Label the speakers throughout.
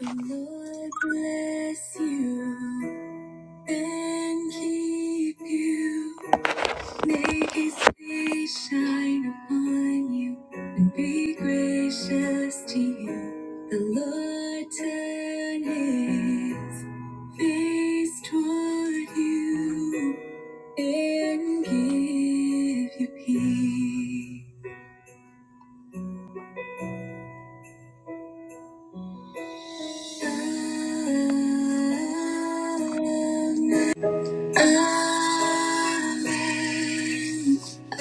Speaker 1: The Lord bless you and keep you. Make his face shine upon you and be gracious to you. The Lord turn his face toward you and give you peace. Shalom. Amen. Amen.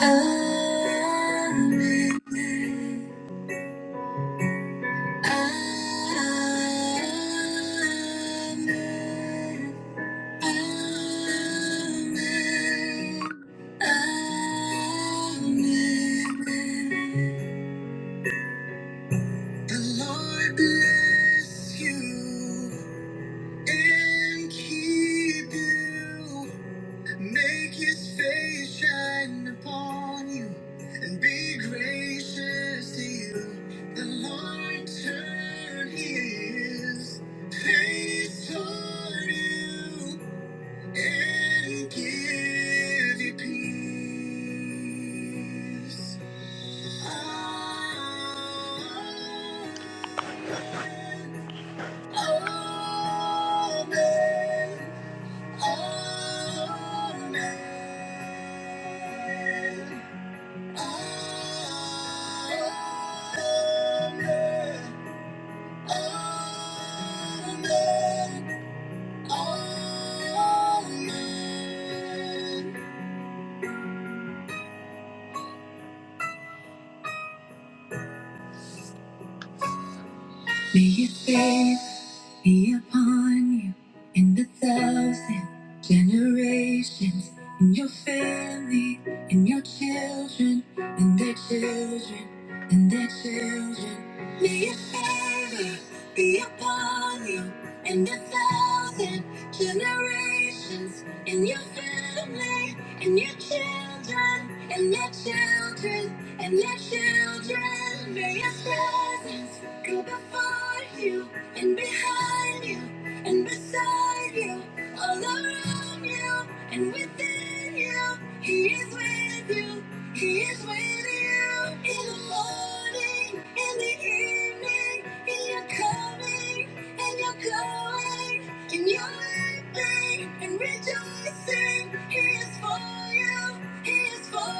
Speaker 1: Amen. Amen. Amen. The Lord bless you and keep you. Make his face shine upon you and be gracious to you. The Lord turn his face toward you and give you peace. Amen. Amen. Amen. May his face be upon you in the thousand generations, in your family, in your children, in their children, in their children. May your favor be upon you and a thousand generations in your family and your children and their children and their children. May your presence go before you and behind you and beside you, all around you and within you. He is with you. He Here's for you. Here's for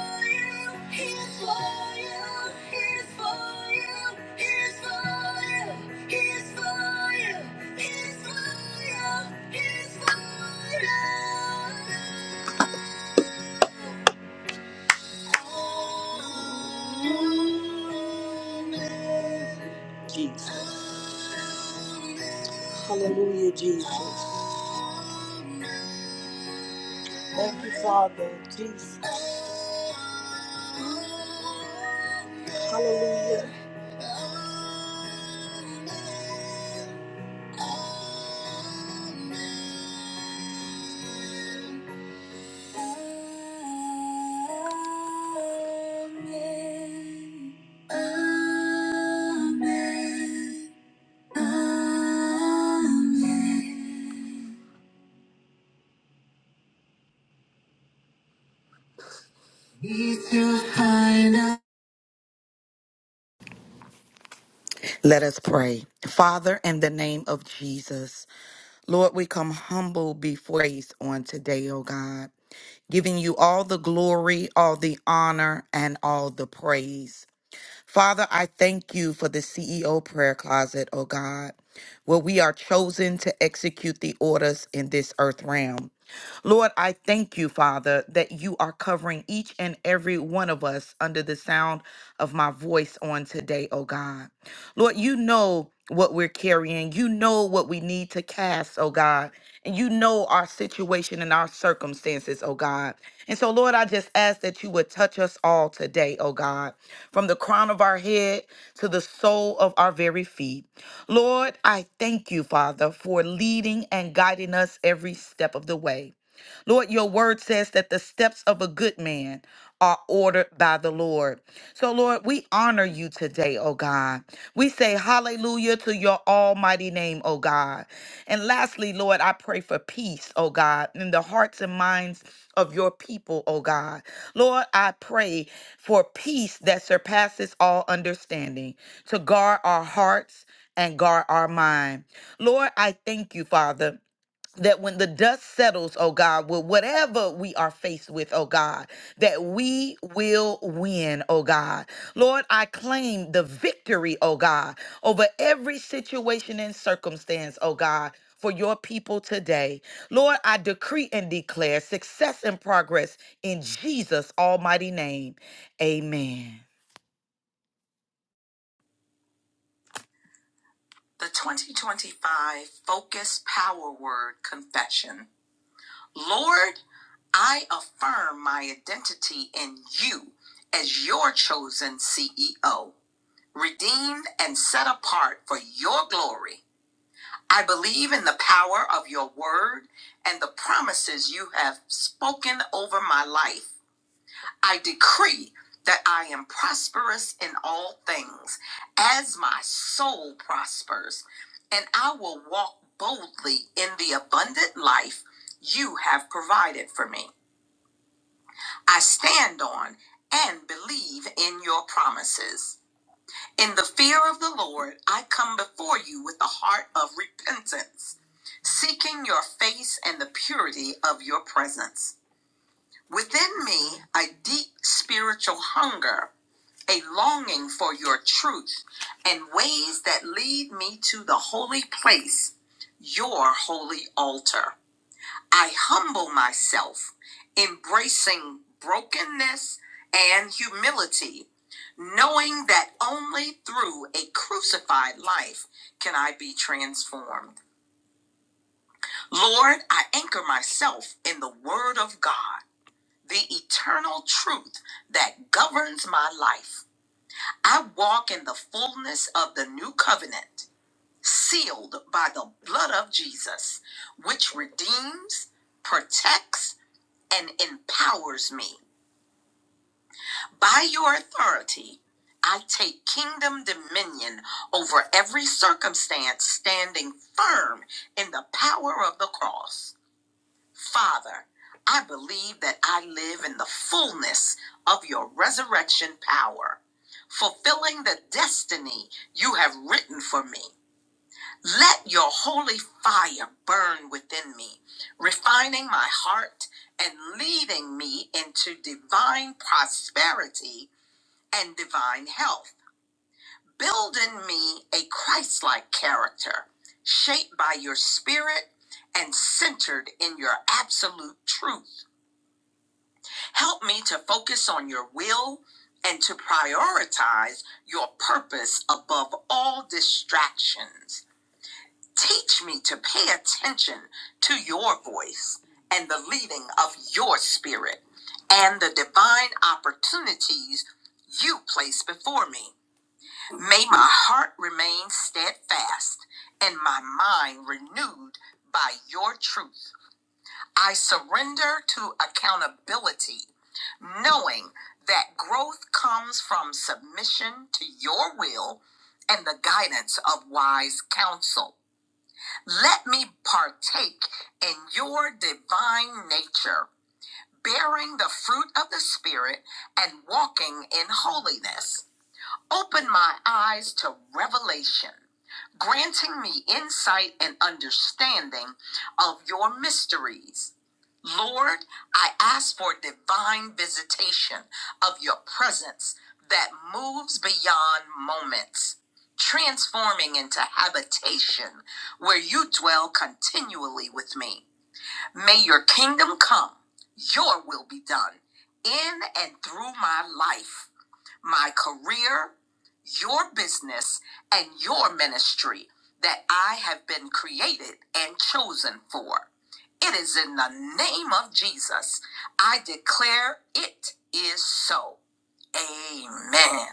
Speaker 1: you. Jesus. Hallelujah, Jesus. Thank you, Father. Jesus. Hallelujah. Amen. Amen. Good
Speaker 2: Let us pray. Father, in the name of Jesus, Lord, we come humble before you on today, oh God, giving you all the glory, all the honor, and all the praise. Father, I thank you for the CEO prayer closet, oh God, where we are chosen to execute the orders in this earth realm. Lord, I thank you, Father, that you are covering each and every one of us under the sound of my voice on today, oh God. Lord, you know what we're carrying. You know what we need to cast, oh God. And you know our situation and our circumstances, oh God. And so, Lord, I just ask that you would touch us all today, oh God from the crown of our head to the sole of our very feet. Lord, I thank you, Father, for leading and guiding us every step of the way. Lord, your word says that the steps of a good man are ordered by the Lord. So, Lord, we honor you today, oh God. We say hallelujah to your almighty name, oh God. And lastly, Lord, I pray for peace, oh God, in the hearts and minds of your people, oh God. Lord, I pray for peace that surpasses all understanding to guard our hearts and guard our mind. Lord, I thank you, Father that when the dust settles, oh God, with whatever we are faced with, oh God, that we will win, oh God. Lord, I claim the victory, oh God, over every situation and circumstance, oh God. For your people today. Lord, I decree and declare success and progress in Jesus' almighty name. Amen.
Speaker 3: The 2025 Focus Power Word Confession. Lord, I affirm my identity in you as your chosen CEO, redeemed and set apart for your glory. I believe in the power of your word and the promises you have spoken over my life. I decree that I am prosperous in all things as my soul prospers, and I will walk boldly in the abundant life you have provided for me. I stand on and believe in your promises. In the fear of the Lord, I come before you with a heart of repentance, seeking your face and the purity of your presence. Within me, a deep spiritual hunger a longing for your truth and ways that lead me to the holy place, your holy altar. I humble myself, embracing brokenness and humility, knowing that only through a crucified life can I be transformed. Lord, I anchor myself in the Word of God, the eternal truth that governs my life. I walk in the fullness of the new covenant, sealed by the blood of Jesus, which redeems, protects, and empowers me. By your authority, I take kingdom dominion over every circumstance, standing firm in the power of the cross. Father, I believe that I live in the fullness of your resurrection power, fulfilling the destiny you have written for me. Let your holy fire burn within me, refining my heart and leading me into divine prosperity and divine health. Build in me a Christ like character, shaped by your spirit and centered in your absolute truth. Help me to focus on your will and to prioritize your purpose above all distractions. Teach me to pay attention to your voice and the leading of your spirit and the divine opportunities you place before me. May my heart remain steadfast and my mind renewed by your truth. I surrender to accountability, knowing that growth comes from submission to your will and the guidance of wise counsel. Let me partake in your divine nature, bearing the fruit of the Spirit and walking in holiness. Open my eyes to revelation, granting me insight and understanding of your mysteries. Lord, I ask for divine visitation of your presence that moves beyond moments, transforming into habitation where you dwell continually with me. May your kingdom come, your will be done in and through my life my career, your business, and your ministry that I have been created and chosen for. It is in the name of Jesus. I declare it is so. Amen.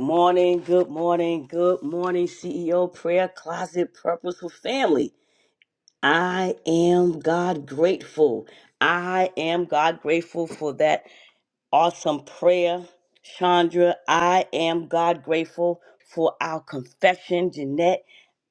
Speaker 1: morning, good morning, good morning, CEO Prayer Closet Purposeful Family. I am God grateful. I am God grateful for that awesome prayer, Chandra. I am God grateful for our confession, Jeanette.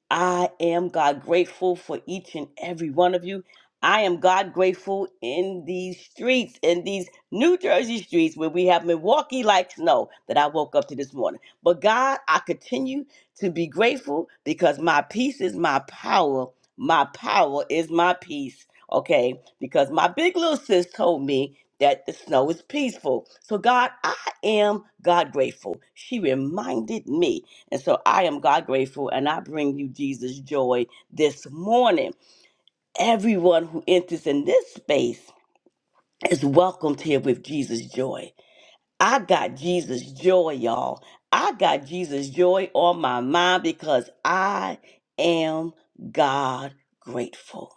Speaker 1: I am God grateful for each and every one of you. I am God grateful in these streets, in these New Jersey streets where we have Milwaukee like snow that I woke up to this morning. But God, I continue to be grateful because my peace is my power. My power is my peace. Okay. Because my big little sis told me that the snow is peaceful. So, God, I am God grateful. She reminded me and so I am God grateful and I bring you Jesus joy this morning. Everyone who enters in this space is welcomed here with Jesus joy. I got Jesus joy, y'all. I got Jesus joy on my mind because I am God grateful.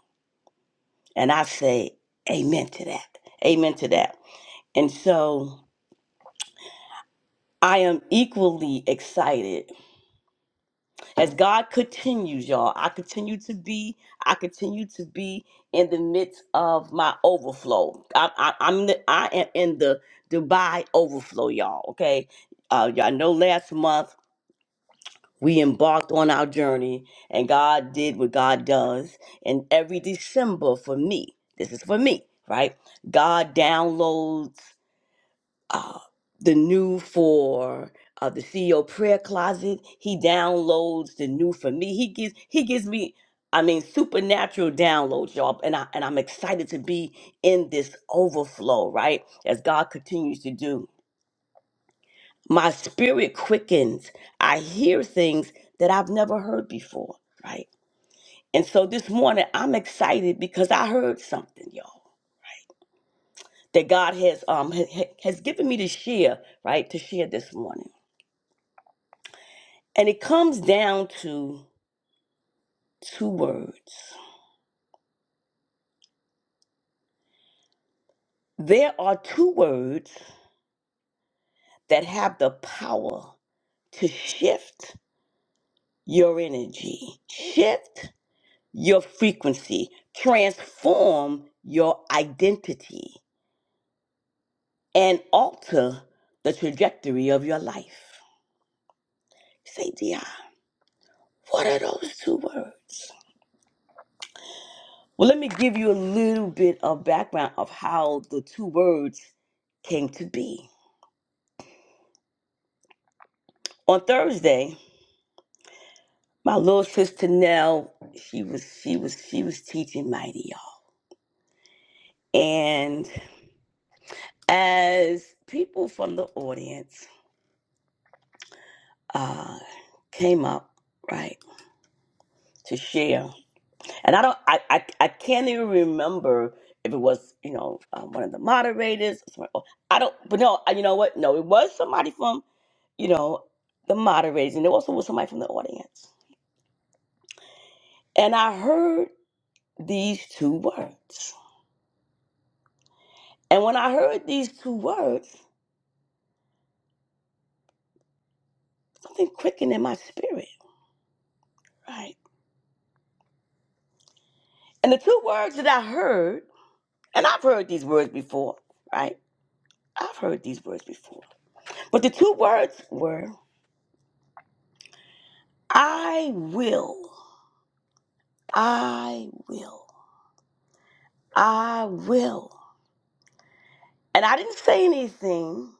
Speaker 1: And I say amen to that. Amen to that. And so I am equally excited as God continues, y'all, I continue to be, I continue to be in the midst of my overflow. I, I, I'm, the, I am in the Dubai overflow, y'all. Okay, uh, y'all know last month we embarked on our journey, and God did what God does. And every December for me, this is for me, right? God downloads uh, the new for uh, the CEO prayer closet. He downloads the new for me. He gives he gives me, I mean, supernatural downloads, y'all. And I and I'm excited to be in this overflow, right? As God continues to do. My spirit quickens. I hear things that I've never heard before, right? And so this morning I'm excited because I heard something, y'all, that God has um ha- ha- has given me to share, right? To share this morning. And it comes down to two words. There are two words that have the power to shift your energy, shift your frequency, transform your identity, and alter the trajectory of your life. Say, Di, what are those two words? Well, let me give you a little bit of background of how the two words came to be. On Thursday, My little sister Nell, she was she was she was teaching mighty y'all. And as people from the audience uh came up, right, to share. And I don't I I, I can't even remember if it was, you know, um, one of the moderators. or somebody- oh, I don't, but no, I- you know what? No, it was somebody from, you know, the moderators, and there also was somebody from the audience. And I heard these two words. And when I heard these two words, something quickened in my spirit, right? And the two words that I heard, and I've heard these words before, right? I've heard these words before. But the two words were, I will, I will, I will. And I didn't say anything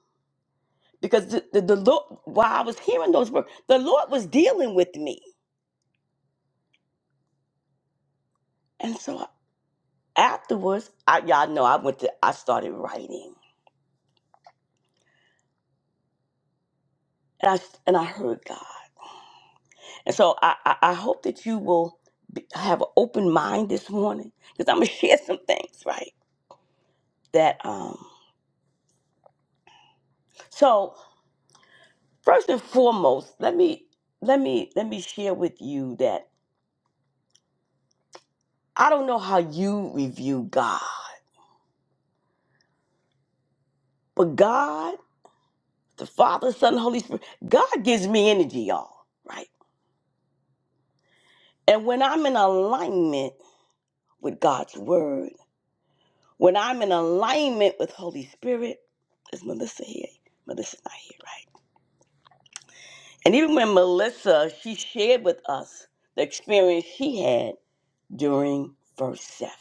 Speaker 1: because the, the, the Lord, while I was hearing those words, the Lord was dealing with me. And so afterwards, I, y'all know I went to, I started writing. And I, and I heard God. And so I, I, I hope that you will be, have an open mind this morning because I'm going to share some things, right? That um so first and foremost, let me let me let me share with you that I don't know how you review God, but God, the Father, Son, Holy Spirit, God gives me energy, y'all, right? And when I'm in alignment with God's word, when I'm in alignment with Holy Spirit, is Melissa here? Melissa's not here, right? And even when Melissa, she shared with us the experience she had during verse 7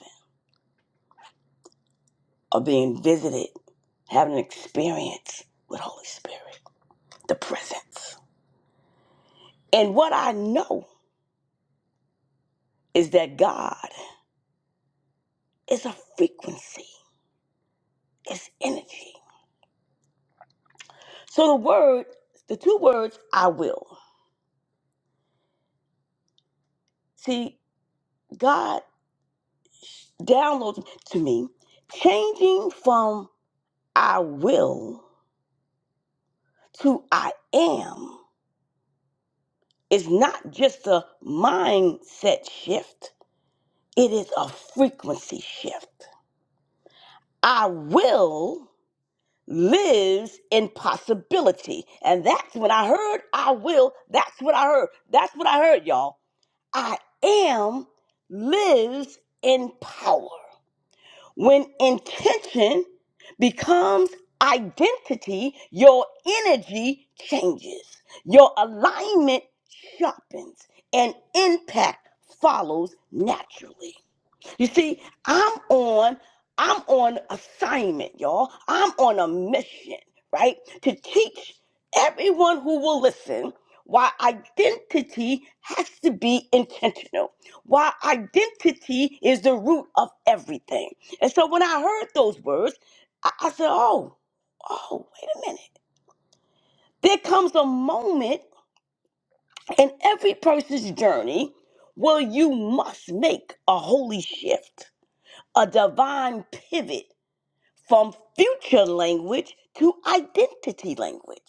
Speaker 1: of being visited, having an experience with Holy Spirit, the presence. And what I know is that God is a frequency, it's energy. So the word, the two words, I will. See, God downloads to me, changing from I will to I am It's not just a mindset shift, it is a frequency shift. I will lives in possibility. And that's when I heard I will. That's what I heard. That's what I heard, y'all. I am lives in power. When intention becomes identity, your energy changes, your alignment sharpens, and impact follows naturally. You see, I'm on I'm on assignment, y'all. I'm on a mission, right? To teach everyone who will listen why identity has to be intentional. Why identity is the root of everything. And so when I heard those words, I, I said, "Oh, oh, wait a minute. There comes a moment in every person's journey where you must make a holy shift." a divine pivot from future language to identity language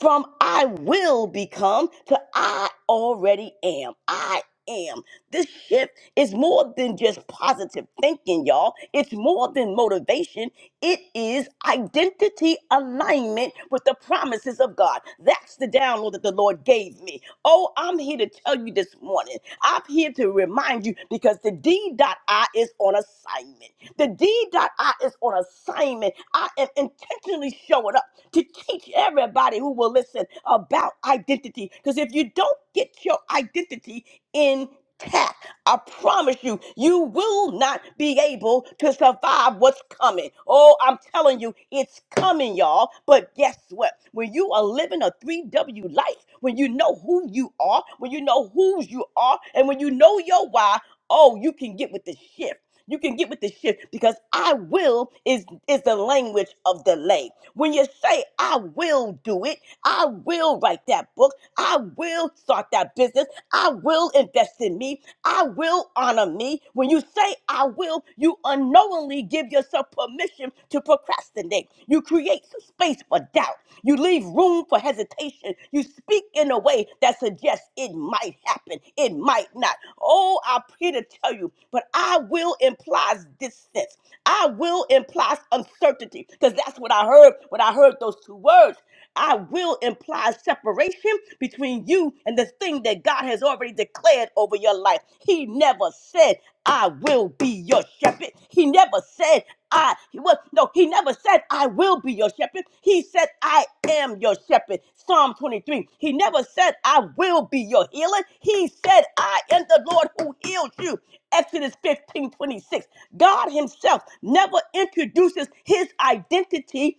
Speaker 1: from I will become to I already am. I am. This shift is more than just positive thinking, y'all. It's more than motivation. It is identity alignment with the promises of God. That's the download that the Lord gave me. Oh, I'm here to tell you this morning. I'm here to remind you because the D.I is on assignment. The D.I is on assignment. I am intentionally showing up to teach everybody who will listen about identity. Because if you don't get your identity intact, I promise you, you will not be able to survive what's coming. Oh, I'm telling you, it's coming, y'all. But guess what? When you are living a 3W life, when you know who you are, when you know whose you are, and when you know your why, oh, you can get with the shift. You can get with this shit because I will is is the language of delay. When you say I will do it, I will write that book, I will start that business, I will invest in me, I will honor me. When you say I will, you unknowingly give yourself permission to procrastinate. You create some space for doubt. You leave room for hesitation. You speak in a way that suggests it might happen, it might not. Oh, I'm here to tell you, but I will implies distance. I will implies uncertainty, because that's what I heard when I heard those two words. I will imply separation between you and the thing that God has already declared over your life. He never said, I will be your shepherd. He never said, I he was no, he never said I will be your shepherd. He said I am your shepherd. Psalm 23. He never said I will be your healer. He said I am the Lord who heals you. Exodus 15 26. God himself never introduces his identity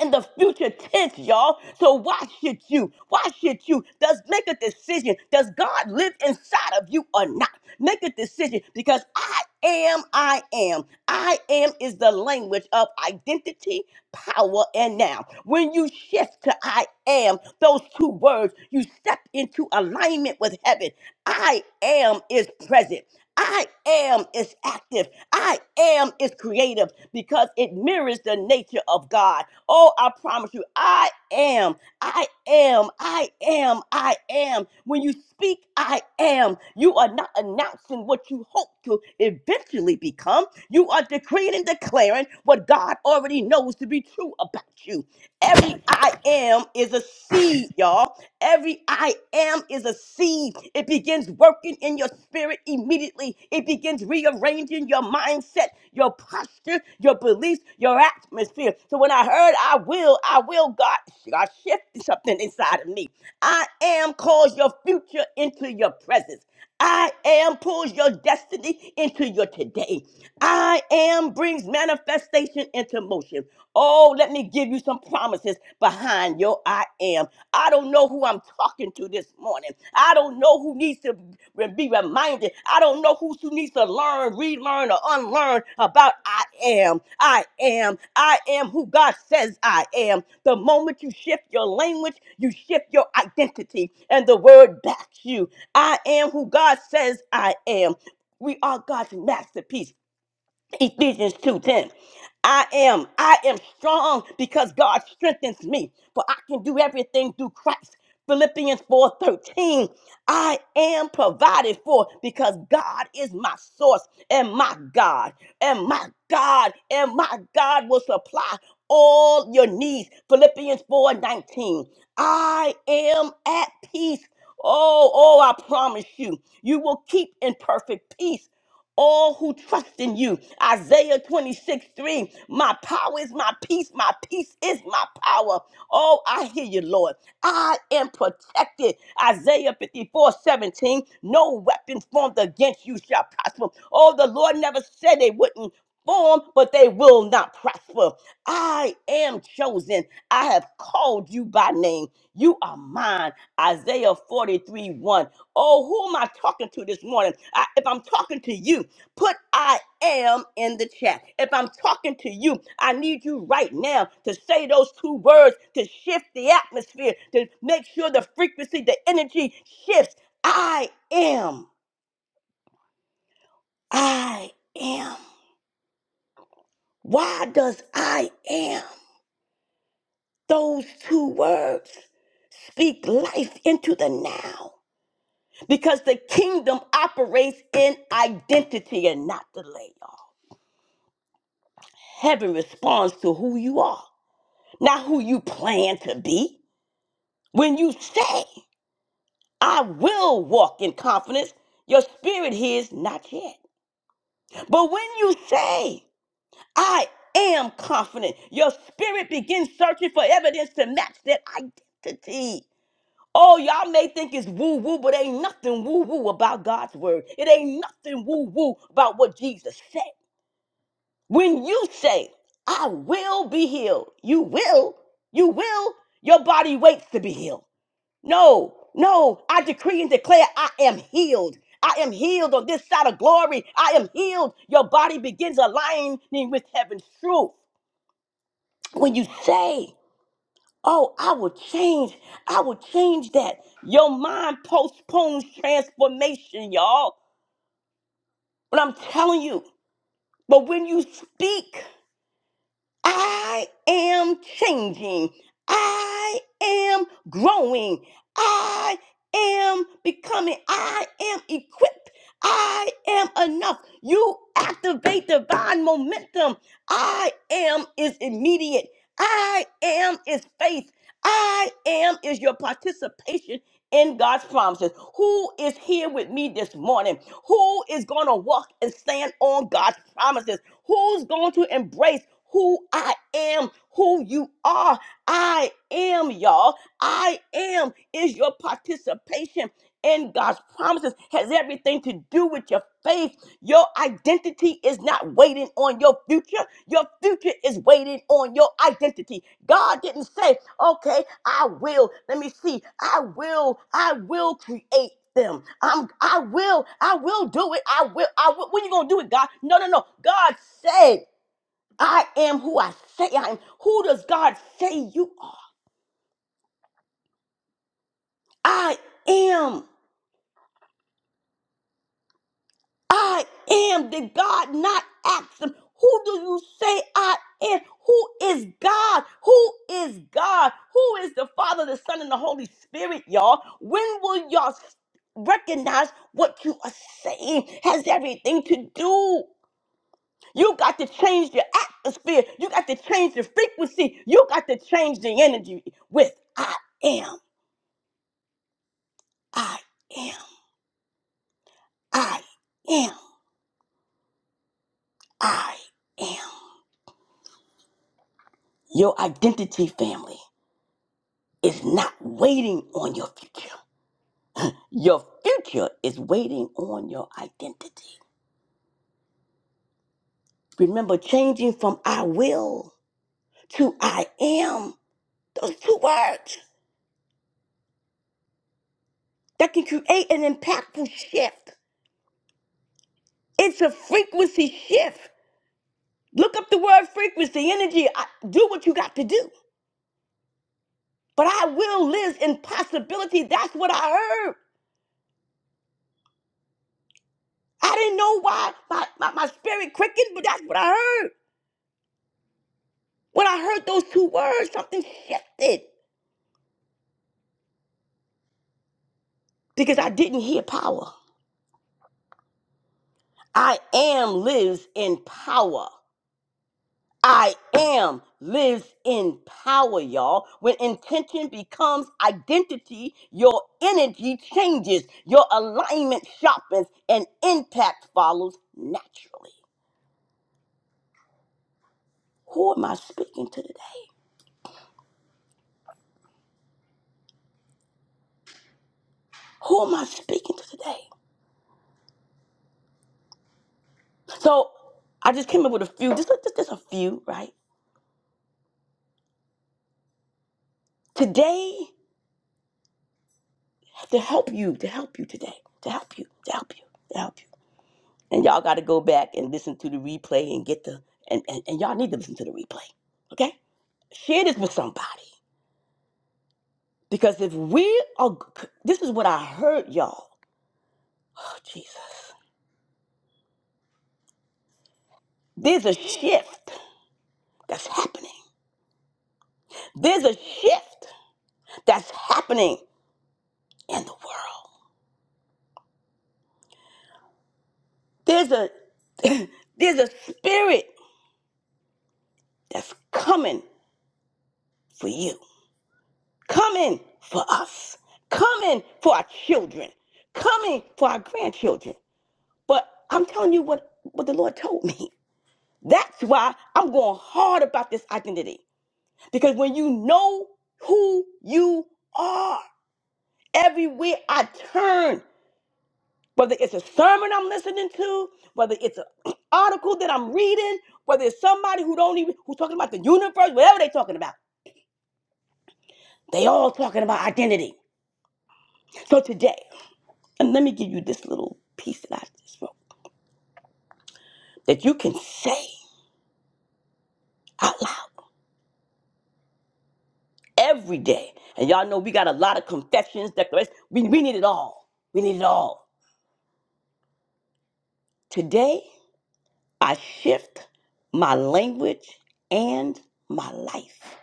Speaker 1: in the future tense, y'all. So why should you? Why should you? Does make a decision. Does God live inside of you or not? Make a decision because I am, I am. I am is the language of identity, power, and now. When you shift to I am, those two words, you step into alignment with heaven. I am is present. I am is active. I am is creative because it mirrors the nature of God. Oh, I promise you, I am, I am, I am, I am. When you speak, I am, you are not announcing what you hope to eventually become. You are decreeing and declaring what God already knows to be true about you. Every I am is a seed, y'all. Every I am is a seed. It begins working in your spirit immediately. It begins rearranging your mindset, your posture, your beliefs, your atmosphere. So when I heard I will, I will, God, God shifted something inside of me. I am calls your future into your presence. I am pulls your destiny into your today. I am brings manifestation into motion. Oh, let me give you some promises behind your I am. I don't know who I'm talking to this morning. I don't know who needs to re- be reminded. I don't know who who needs to learn, relearn, or unlearn about I am. I am. I am who God says I am. The moment you shift your language, you shift your identity, and the word backs you. I am who God says I am. We are God's masterpiece. Ephesians 2:10. I am, I am strong because God strengthens me. For I can do everything through Christ. Philippians 4:13. I am provided for because God is my source and my God. And my God, and my God will supply all your needs. Philippians 4:19. I am at peace. Oh, oh, I promise you, you will keep in perfect peace all who trust in you. Isaiah 26 3. My power is my peace. My peace is my power. Oh, I hear you, Lord. I am protected. Isaiah 54, 17. No weapon formed against you shall prosper. Oh, the Lord never said they wouldn't. Form, but they will not prosper. I am chosen. I have called you by name. You are mine. Isaiah 43 1. Oh, who am I talking to this morning? I, if I'm talking to you, Put I am in the chat. If I'm talking to you, I need you right now to say those two words to shift the atmosphere, to make sure the frequency, the energy shifts. I am. I am. Why does I am? Those two words speak life into the now. Because the kingdom operates in identity and not delay, y'all. Heaven responds to who you are, not who you plan to be. When you say, I will walk in confidence, your spirit hears not yet. But when you say, I am confident, your spirit begins searching for evidence to match that identity. Oh, y'all may think it's woo woo, but ain't nothing woo woo about God's word. It ain't nothing woo woo about what Jesus said. When you say, I will be healed, you will, you will, your body waits to be healed. No, no. I decree and declare I am healed. I am healed on this side of glory. I am healed. Your body begins aligning with heaven's truth. When you say, Oh, I will change, I will change that, your mind postpones transformation, y'all. But I'm telling you, but when you speak, I am changing. I am growing. I am becoming. I am equipped. I am enough. You activate divine momentum. I am is immediate. I am is faith. I am is your participation in God's promises. Who is here with me this morning? Who is going to walk and stand on God's promises? Who's going to embrace who I am, who you are? I am, y'all. I am is your participation in God's promises, has everything to do with your faith your identity is not waiting on your future. Your future is waiting on your identity. God didn't say, okay, I will. Let me see. I will, I will create them. I'm I will, I will do it. I will, I will. When you gonna do it, God? No, no, no. God said, I am who I say I am. Who does God say you are? I am. I am. Did God not ask them? Who do you say I am? Who is God? Who is God? Who is the Father, the Son, and the Holy Spirit, y'all? When will y'all s- recognize what you are saying has everything to do? You got to change your atmosphere. You got to change the frequency. You got to change the energy with I am. I am. I am. I am. Your identity, family. is not waiting on your future. Your future is waiting on your identity. Remember changing from I will to I am. Those two words that can create an impactful shift. It's a frequency shift. Look up the word frequency, energy. I, do what you got to do. But I will lives in possibility. That's what I heard. I didn't know why my, my, my spirit quickened, but that's what I heard. When I heard those two words, something shifted. because I didn't hear power. I am lives in power. I am lives in power, y'all. When intention becomes identity, your energy changes, your alignment sharpens, and impact follows naturally. Who am I speaking to today? Who am I speaking to today? So I just came up with a few, just, just, just a few, right? Today, to help you, to help you today, to help you, to help you, to help you. And y'all got to go back and listen to the replay and get the, and, and, and y'all need to listen to the replay. Okay? Share this with somebody. Because if we are, this is what I heard, y'all. Oh, Jesus. There's a shift that's happening. There's a shift that's happening in the world. There's a, there's a spirit that's coming for you, coming for us, coming for our children, coming for our grandchildren. But I'm telling you what, what the Lord told me. That's why I'm going hard about this identity. Because when you know who you are, everywhere I turn, whether it's a sermon I'm listening to, whether it's an article that I'm reading, whether it's somebody who don't even who's talking about the universe, whatever they're talking about, they all talking about identity. So today, and let me give you this little piece that I just wrote that you can say. out every day. And y'all know we got a lot of confessions, declarations. We, we need it all. We need it all. Today, I shift my language and my life.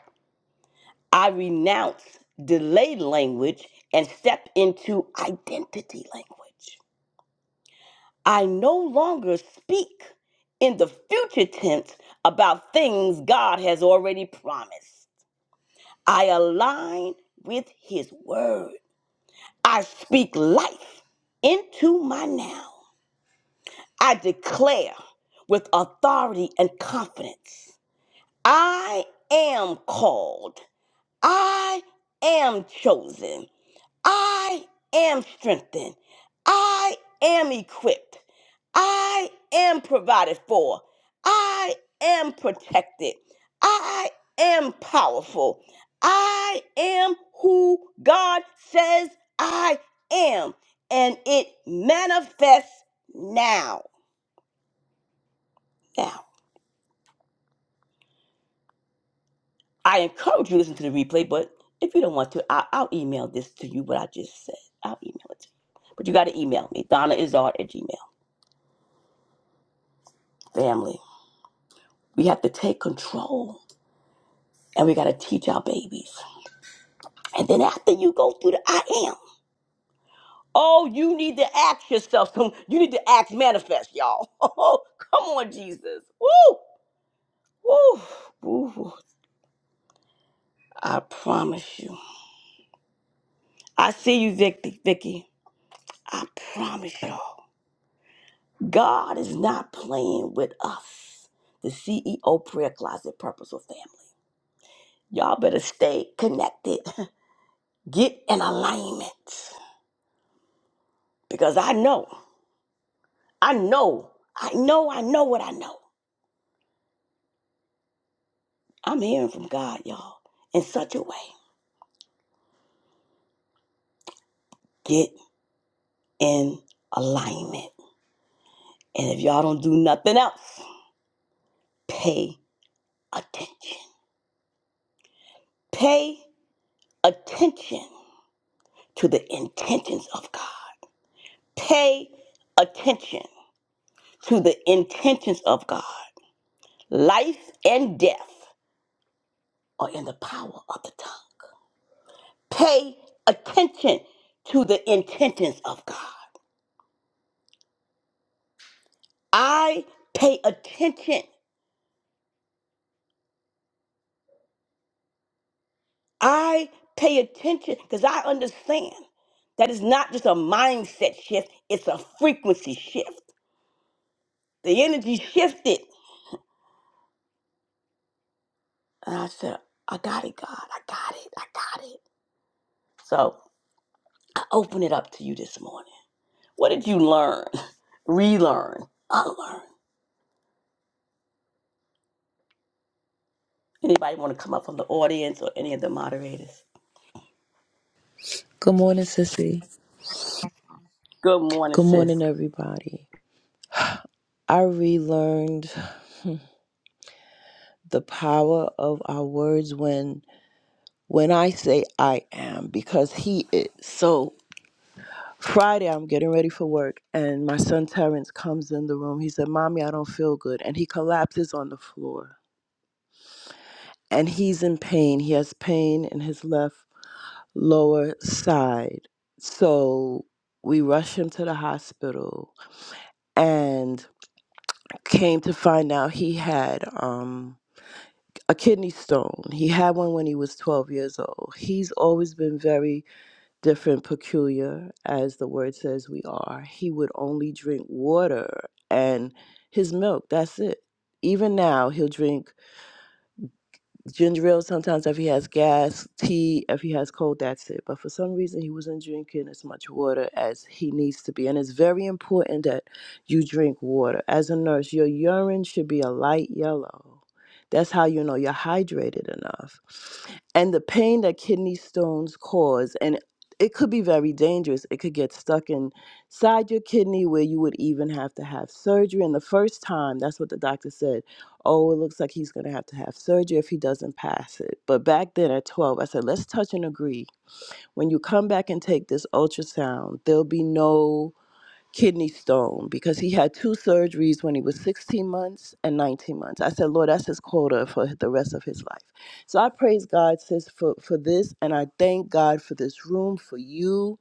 Speaker 1: I renounce delayed language and step into identity language. I no longer speak in the future tense about things God has already promised. I align with His word. I speak life into my now. I declare with authority and confidence I am called, I am chosen, I am strengthened. I am equipped. I am provided for. I am protected. I am powerful. I am who God says I am. And it manifests now. Now, I encourage you to listen to the replay, but if you don't want to, I- I'll email this to you, what I just said. I'll email it to you. But you got to email me, Donna Izard at Gmail. Family. We have to take control and we got to teach our babies. And then after you go through the I am, oh, you need to ask yourself some, you need to ask manifest, y'all. Oh, come on, Jesus. Woo, woo, woo. I promise you. I see you, Vicky. Vicky. I promise y'all. God is not playing with us, the CEO Prayer Closet Purposeful Family. Y'all better stay connected. Get in alignment because I know. I know, I know, I know what I know. I'm hearing from God, y'all, in such a way. Get in alignment. And if y'all don't do nothing else, pay attention. Pay attention to the intentions of God. Pay attention to the intentions of God. Life and death are in the power of the tongue. Pay attention to the intentions of God. I pay attention I pay attention because I understand that it's not just a mindset shift, it's a frequency shift. The energy shifted. And I said, I got it, God. I got it. I got it. So I open it up to you this morning. What did you learn, relearn, unlearn? Anybody want to come up from the audience or any of the moderators?
Speaker 4: Good morning, Sissy.
Speaker 1: Good morning,
Speaker 4: Good
Speaker 1: sis.
Speaker 4: morning, everybody. I relearned the power of our words when when I say I am because he is. So Friday I'm getting ready for work and my son Terrence comes in the room. He said, Mommy, I don't feel good. And he collapses on the floor. And he's in pain. He has pain in his left lower side. So we rush him to the hospital and came to find out he had um a kidney stone. He had one when he was 12 years old. He's always been very different, peculiar, as the word says we are. He would only drink water and his milk. That's it. Even now, he'll drink ginger ale sometimes if he has gas, tea if he has cold, that's it. But for some reason, he wasn't drinking as much water as he needs to be. And it's very important that you drink water. As a nurse, your urine should be a light yellow. That's how you know you're hydrated enough. And the pain that kidney stones cause, and it could be very dangerous. It could get stuck inside your kidney where you would even have to have surgery. And the first time, that's what the doctor said oh, it looks like he's going to have to have surgery if he doesn't pass it. But back then at 12, I said, let's touch and agree. When you come back and take this ultrasound, there'll be no kidney stone because he had two surgeries when he was 16 months and 19 months. I said, Lord, that's his quota for the rest of his life. So I praise God, sis, for, for this. And I thank God for this room, for you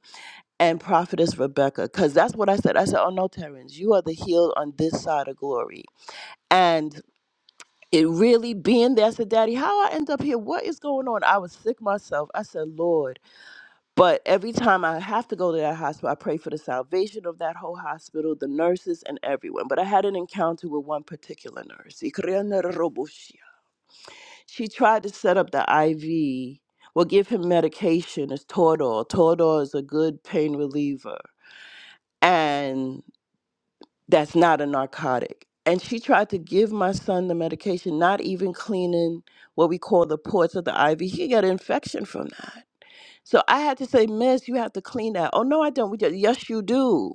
Speaker 4: and prophetess Rebecca, because that's what I said. I said, oh, no, Terrence, you are the healed on this side of glory. and." it really being there. I said, Daddy, how I end up here? What is going on? I was sick myself. I said, Lord. But every time I have to go to that hospital, I pray for the salvation of that whole hospital, the nurses, and everyone. But I had an encounter with one particular nurse. She tried to set up the IV, well, give him medication. It's Tordor. Tordor is a good pain reliever. And that's not a narcotic. And she tried to give my son the medication, not even cleaning what we call the ports of the IV. He got an infection from that. So I had to say, Miss, you have to clean that. Oh, no, I don't. We just, yes, you do.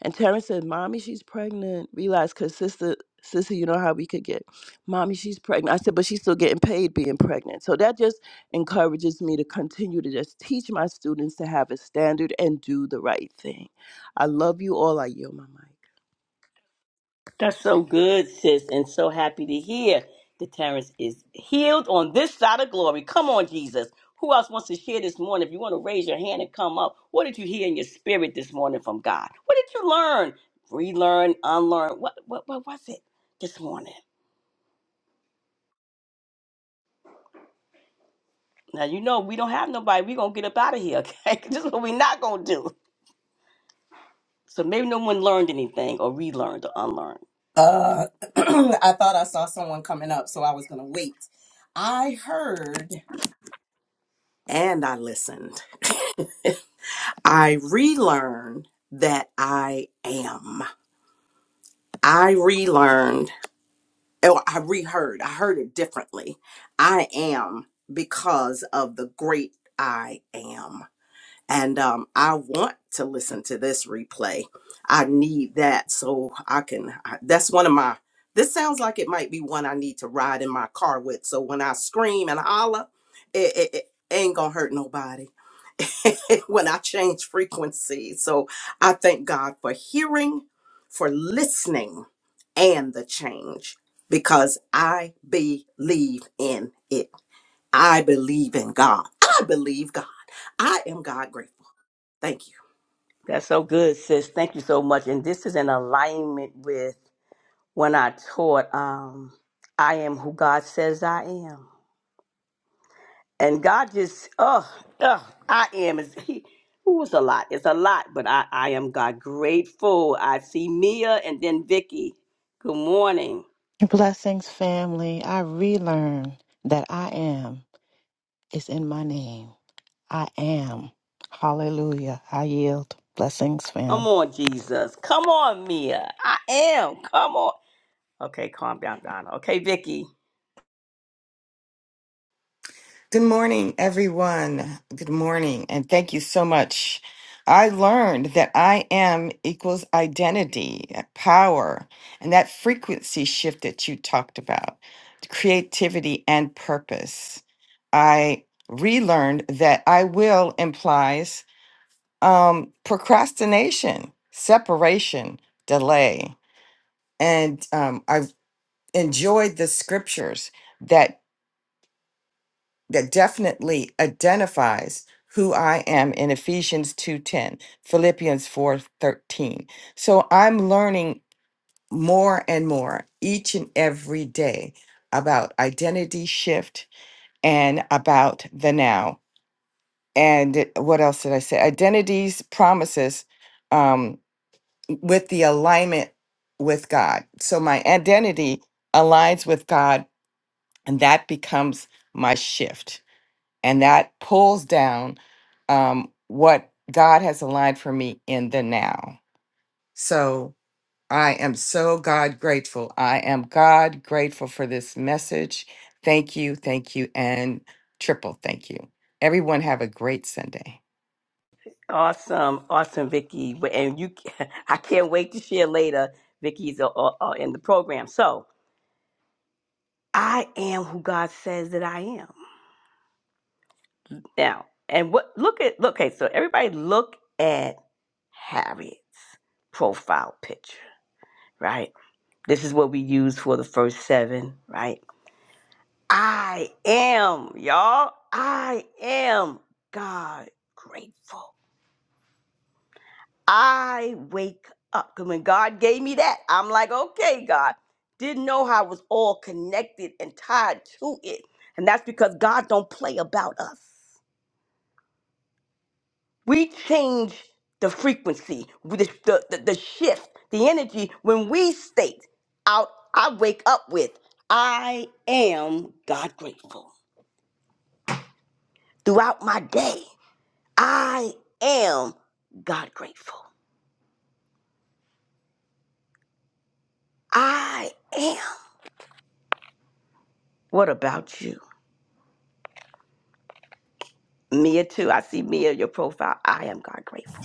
Speaker 4: And Terrence said, Mommy, she's pregnant. Realized, because sister, sister, you know how we could get. Mommy, she's pregnant. I said, but she's still getting paid being pregnant. So that just encourages me to continue to just teach my students to have a standard and do the right thing. I love you all. I yield my mic.
Speaker 1: That's so good, sis, and so happy to hear that Terrence is healed on this side of glory. Come on, Jesus. Who else wants to share this morning? If you want to raise your hand and come up, what did you hear in your spirit this morning from God? What did you learn? Relearn, unlearn. What what, what was it this morning? Now you know we don't have nobody. We're gonna get up out of here, okay? this is what we're not gonna do. So maybe no one learned anything or relearned or unlearned.
Speaker 3: Uh, I thought I saw someone coming up, so I was going to wait. I heard and I listened. I relearned that I am. I relearned oh i reheard i heard it differently i am because of the great i am and um, i want to listen to this replay i need that so i can I, that's one of my this could be one i need to ride in my car with so when i holla, it, it, it ain't hurt nobody when i change frequency so i thank god for hearing for listening and the change because i believe in it I believe in God. I believe God. I agree.
Speaker 1: That's so good, sis. Thank you so much. And this is in alignment with when I taught um, I am who God says I am. And God just, oh, oh I am. Is, he, who is a lot? It's a lot, but I, I am God grateful. I see Mia and then Vicky. Good morning.
Speaker 5: Blessings, family. I relearn that I am is in my name. I am. Hallelujah. I yield. Blessings, fam.
Speaker 1: Come on, Jesus. Come on, Mia. I am. Come on. Okay, calm down, Donna. Okay, Vicky.
Speaker 6: Good morning, everyone. Good morning, and thank you so much. I learned that I am equals identity, power, and that frequency shift that you talked about, creativity and purpose. I relearned that I will implies um, procrastination, separation, delay. And um, I've enjoyed the scriptures that. that definitely identifies who I am in Ephesians 2:10, Philippians 4:13. So I'm learning more and more each and every day about identity shift and about the now. And what else did I say? Identities promises um, with the alignment with God. So my identity aligns with God and that becomes my shift and that pulls down um, what God has aligned for me in the now. So I am so God grateful. I am God grateful for this message. Thank you, thank you, and triple thank you. Everyone, have a great Sunday.
Speaker 1: Awesome, awesome, Vicky. But And you, I can't wait to share later. Vicky's uh, uh, uh, in the program. So I am who God says that I am. Now, and what look at look, okay, so everybody look at Harriet's profile picture, right? This is what we use for the first seven, right? I am, y'all. I am God grateful. I wake up up. 'Cause When God gave me that, I'm like, okay, God. Didn't know how it was all connected and tied to it. And that's because God don't play about us. we change the frequency, with the, the, the, the shift, the energy when we state out, I wake up with, I am God grateful. Throughout my day, I am God grateful. I am. What about you? Mia, too. I see Mia, your profile. I am God grateful.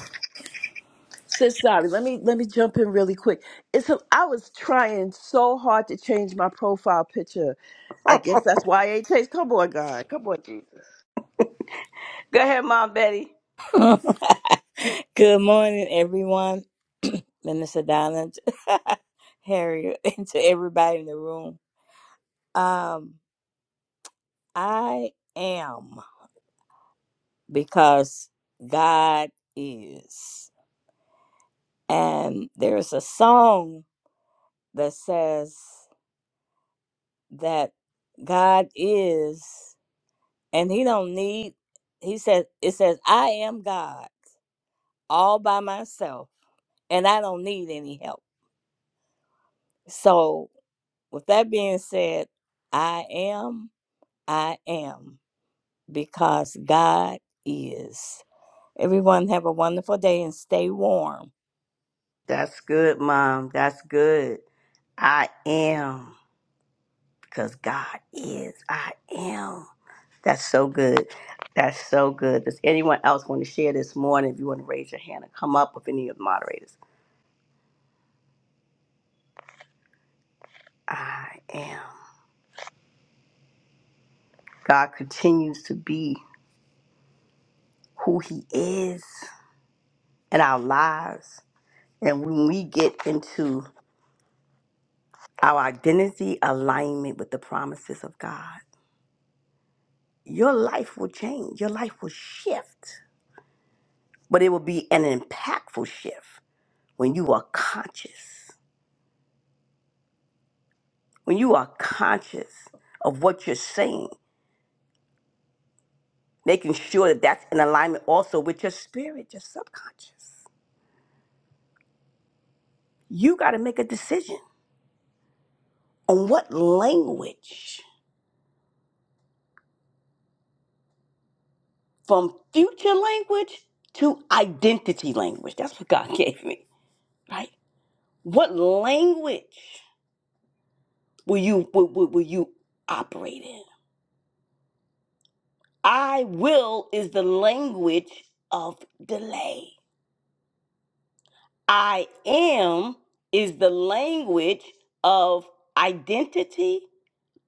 Speaker 4: Sis, sorry. Let me let me jump in really quick. It's a, I was trying so hard to change my profile picture. I guess that's why I ain't changed. Come on, God. Come on, Jesus.
Speaker 1: Go ahead, Mom Betty.
Speaker 7: Good morning, everyone. Minister Donna, Harriet, and to everybody in the room. Um, I am because God is. And there's a song that says that God is, and He don't need, He says, it says, I am God all by myself, and I don't need any help. So. With that being said, I am, I am, because God is. Everyone have a wonderful day and stay warm.
Speaker 1: That's good, Mom. That's good. I am. because God is. I am. That's so good. That's so good. Does anyone else want to share this morning? If you want to raise your hand and come up with any of the moderators, I am. God continues to be who He is in our lives. And when we get into our identity alignment with the promises of God, your life will change, your life will shift, but it will be an impactful shift when you are conscious. when you are conscious of what you're saying, making sure that that's in alignment also with your spirit, your subconscious, you got to make a decision on what language, from future language to identity language. That's what God gave me, right? What language will you will, will, will you operate in? I will is the language of delay. I am is the language of identity,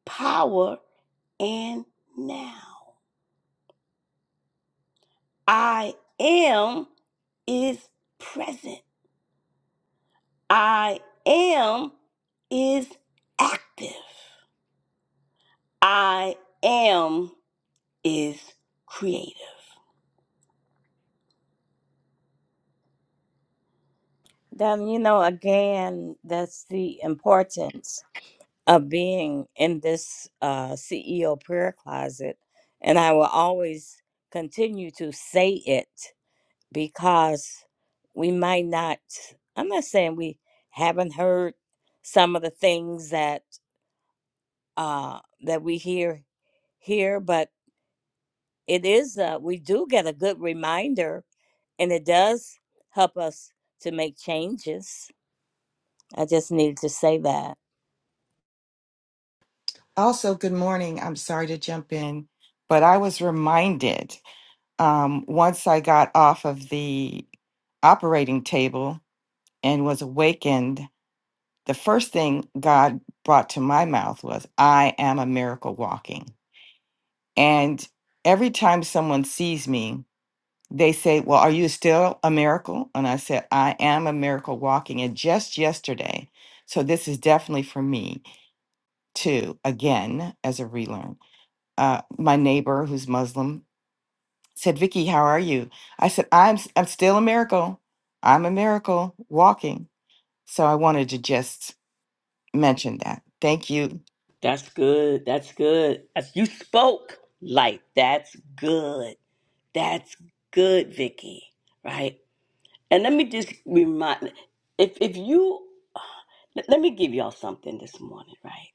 Speaker 1: power, and now. I am is present. I am is active. I am is creative.
Speaker 7: Then, you know, again, that's the importance of being in this uh, CEO prayer closet. And I will always continue to say it because we might not, I'm not saying we haven't heard some of the things that uh, that we hear here, but it is, uh, we do get a good reminder and it does help us to make changes. I just needed to say that.
Speaker 6: Also, good morning. I'm sorry to jump in, but I was reminded um, once I got off of the operating table and was awakened, the first thing God brought to my mouth was, I am a miracle walking. And every time someone sees me, they say, Well, are you still a miracle? And I said, I am a miracle walking. And just yesterday, so this is definitely for me too, again, as a relearn. uh, my neighbor who's Muslim said, "Vicky, how are you?" I said, "I'm s- I'm still a miracle. I'm a miracle walking." So I wanted to just mention that. Thank you.
Speaker 1: That's good. That's good. As you spoke, like that's good. That's good, Vicky. Right? And let me just remind if if you let let me give y'all something this morning, right?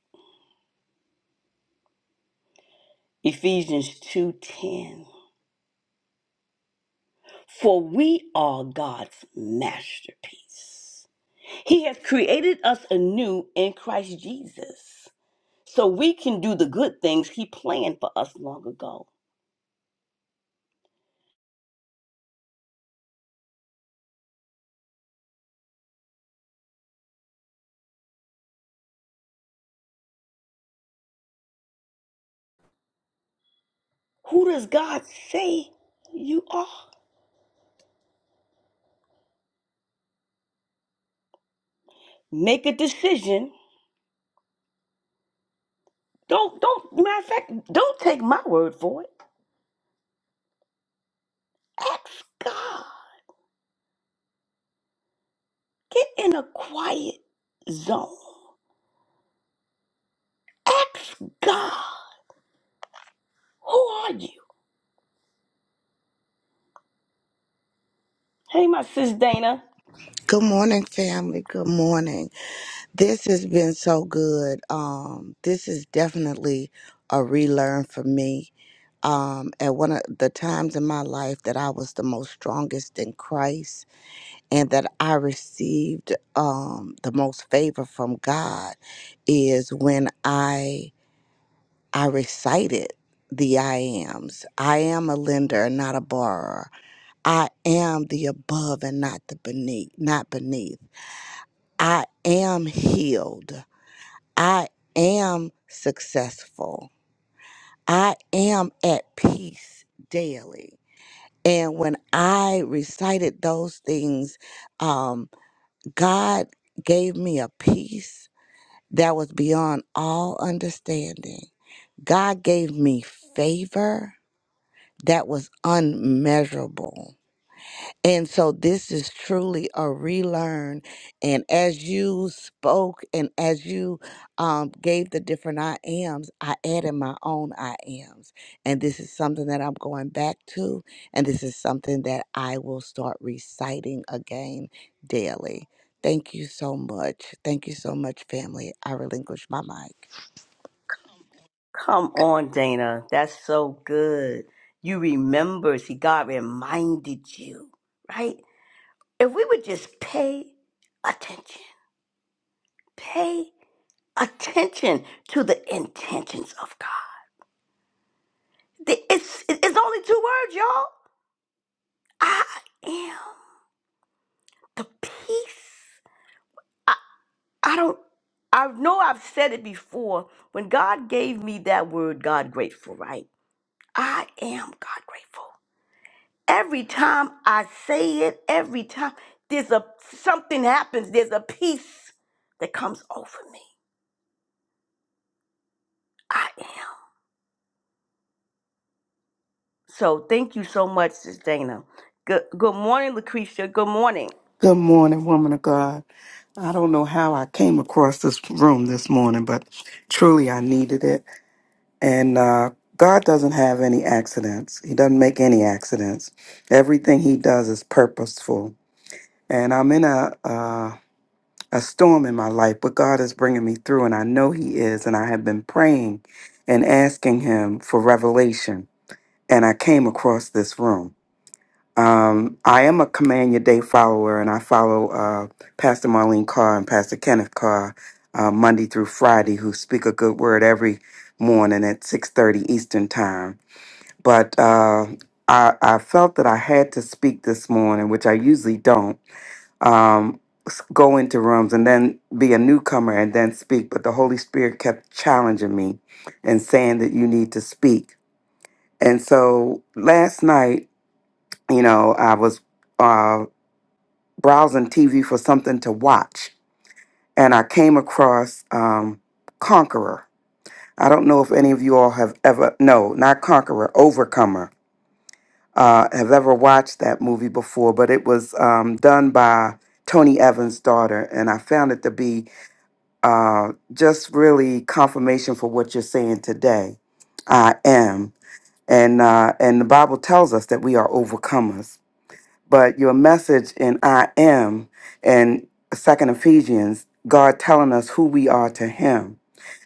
Speaker 1: Ephesians 2:10. For we are God's masterpiece. He has created us anew in Christ Jesus. So we can do the good things he planned for us long ago. Who does God say you are? Make a decision. Don't don't matter of fact, don't take my word for it. Ask God. Get in a quiet zone. Ask God, who are you? Hey, my sis Dana.
Speaker 8: Good morning, family. Good morning. This has been so good. Um, this is definitely a relearn for me. Um, at one of the times in my life that I was the most strongest in Christ and that I received um, the most favor from God is when I I recited the I ams. I am a lender and not a borrower. I am the above and not the beneath, not beneath. I am healed. I am successful. I am at peace daily. And when I recited those things, um, God gave me a peace that was beyond all understanding. God gave me favor that was unmeasurable. And so this is truly a relearn. And as you spoke and as you um, gave the different I ams, I added my own I ams. And this is something that I'm going back to. And this is something that I will start reciting again daily. Thank you so much. Thank you so much, family. I relinquish my mic.
Speaker 1: Come on, Dana. That's so good. You remember, see, God reminded you, right? If we would just pay attention, pay attention to the intentions of God. The- It's, it's only two words, y'all. I am the peace. I don't, I know I've said it before. When God gave me that word, God grateful, right? I am God grateful. Every time I say it, every time there's a something happens, there's a peace that comes over me. I am. So thank you so much, Sis Dana. Good good morning, Lucretia. Good morning.
Speaker 9: Good morning, woman of God. I don't know how I came across this room this morning, but truly I needed it. And uh, God doesn't have any accidents, He doesn't make any accidents. Everything He does is purposeful. And I'm in a, uh, a storm in my life, but God is bringing me through, and I know He is. And I have been praying and asking Him for revelation, and I came across this room. Um, I am a Command Your Day follower, and I follow uh, Pastor Marlene Carr and Pastor Kenneth Carr uh, Monday through Friday, who speak a good word every morning at six thirty Eastern Time. But uh, I, I felt that I had to speak this morning, which I usually don't. Um, s- go into rooms and then be a newcomer and then speak, but the Holy Spirit kept challenging me and saying that you need to speak. And so last night, you know, I was. uh, browsing TV for something to watch, and I came across um, Conqueror. I don't know if any of you all have ever, no, not Conqueror, Overcomer, uh, have ever watched that movie before, but it was um, done by Tony Evans' daughter, and I found it to be uh, just really confirmation for what you're saying today. I am. And, uh, and the Bible tells us that we are overcomers but your message in I am and Second Ephesians, God telling us who we are to Him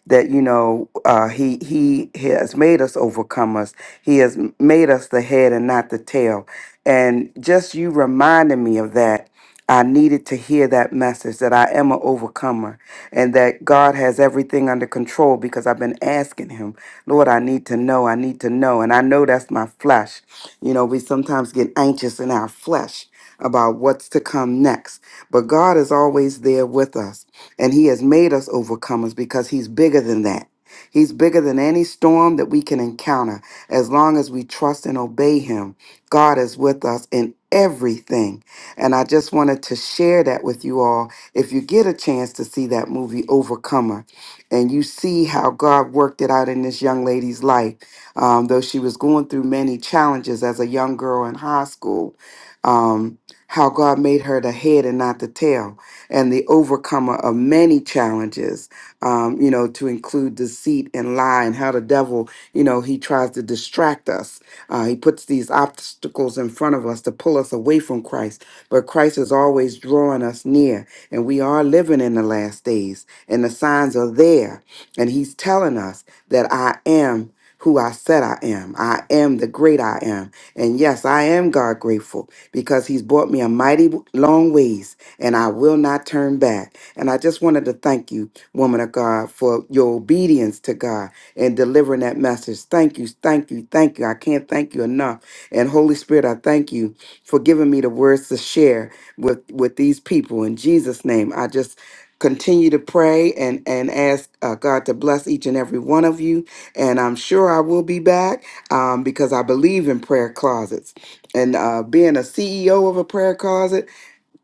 Speaker 9: that you know uh, he he has made us overcomers. He has m- made us the head and not the tail. And just you reminding me of that, I needed to hear that message that I am an overcomer and that God has everything under control because I've been asking Him, Lord, I need to know, I need to know, and I know that's my flesh. You know, we sometimes get anxious in our flesh about what's to come next, but God is always there with us. And He has made us overcomers because He's bigger than that. He's bigger than any storm that we can encounter. As long as we trust and obey Him, God is with us in everything. And I just wanted to share that with you all. If you get a chance to see that movie, Overcomer, and you see how God worked it out in this young lady's life, um, though she was going through many challenges as a young girl in high school, um, how God made her the head and not the tail and the overcomer of many challenges, um, you know, to include deceit and lie and how the devil, you know, he tries to distract us. Uh, he puts these obstacles in front of us to pull us away from Christ, but Christ is always drawing us near, and we are living in the last days, and the signs are there, and he's telling us that I am. Who I said I am. I am the great I am. And yes, I am God grateful because He's brought me a mighty long ways and I will not turn back. And I just wanted to thank you, woman of God, for your obedience to God and delivering that message. Thank you, thank you, thank you. I can't thank you enough. And Holy Spirit, I thank you for giving me the words to share with with these people. In Jesus' name, I just continue to pray and and ask uh, God to bless each and every one of you. And I'm sure I will be back um, because I believe in prayer closets and uh, being a CEO of a prayer closet.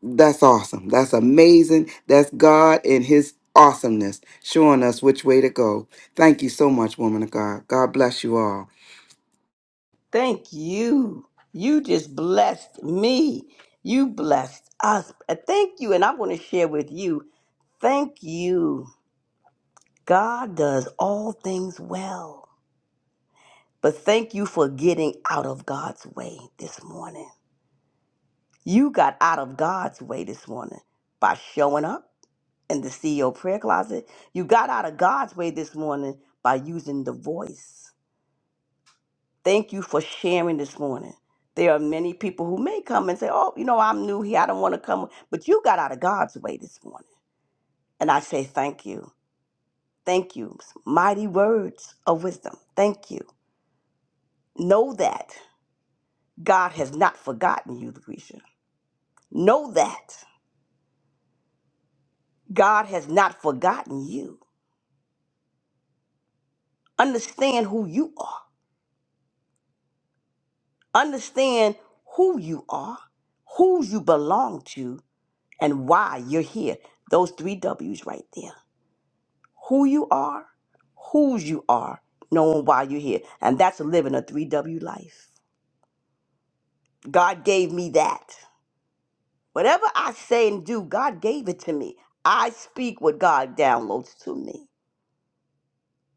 Speaker 9: That's awesome. That's amazing. That's God and His awesomeness showing us which way to go. Thank you so much, woman of God. God bless you all.
Speaker 1: Thank you. You just blessed me. You blessed us. Uh, Thank you. And I'm going to share with you. Thank you God does all things well. But thank you for getting out of God's way this morning. You got out of God's way this morning by showing up in the CEO prayer closet. You got out of God's way this morning by using the voice. Thank you for sharing this morning. There are many people who may come and say, Oh, you know, I'm new here. I don't want to come. But you got out of God's way this morning. And I say, Thank you. Thank you. Mighty words of wisdom. Thank you. Know that. God has not forgotten you, Lucretia. Know that. God has not forgotten you. Understand who you are. Understand who you are, who you belong to, and why you're here. Those three W's right there. Who you are, whose you are, knowing why you're here. And that's living a 3W life. God gave me that. Whatever I say and do, God gave it to me. I speak what God downloads to me.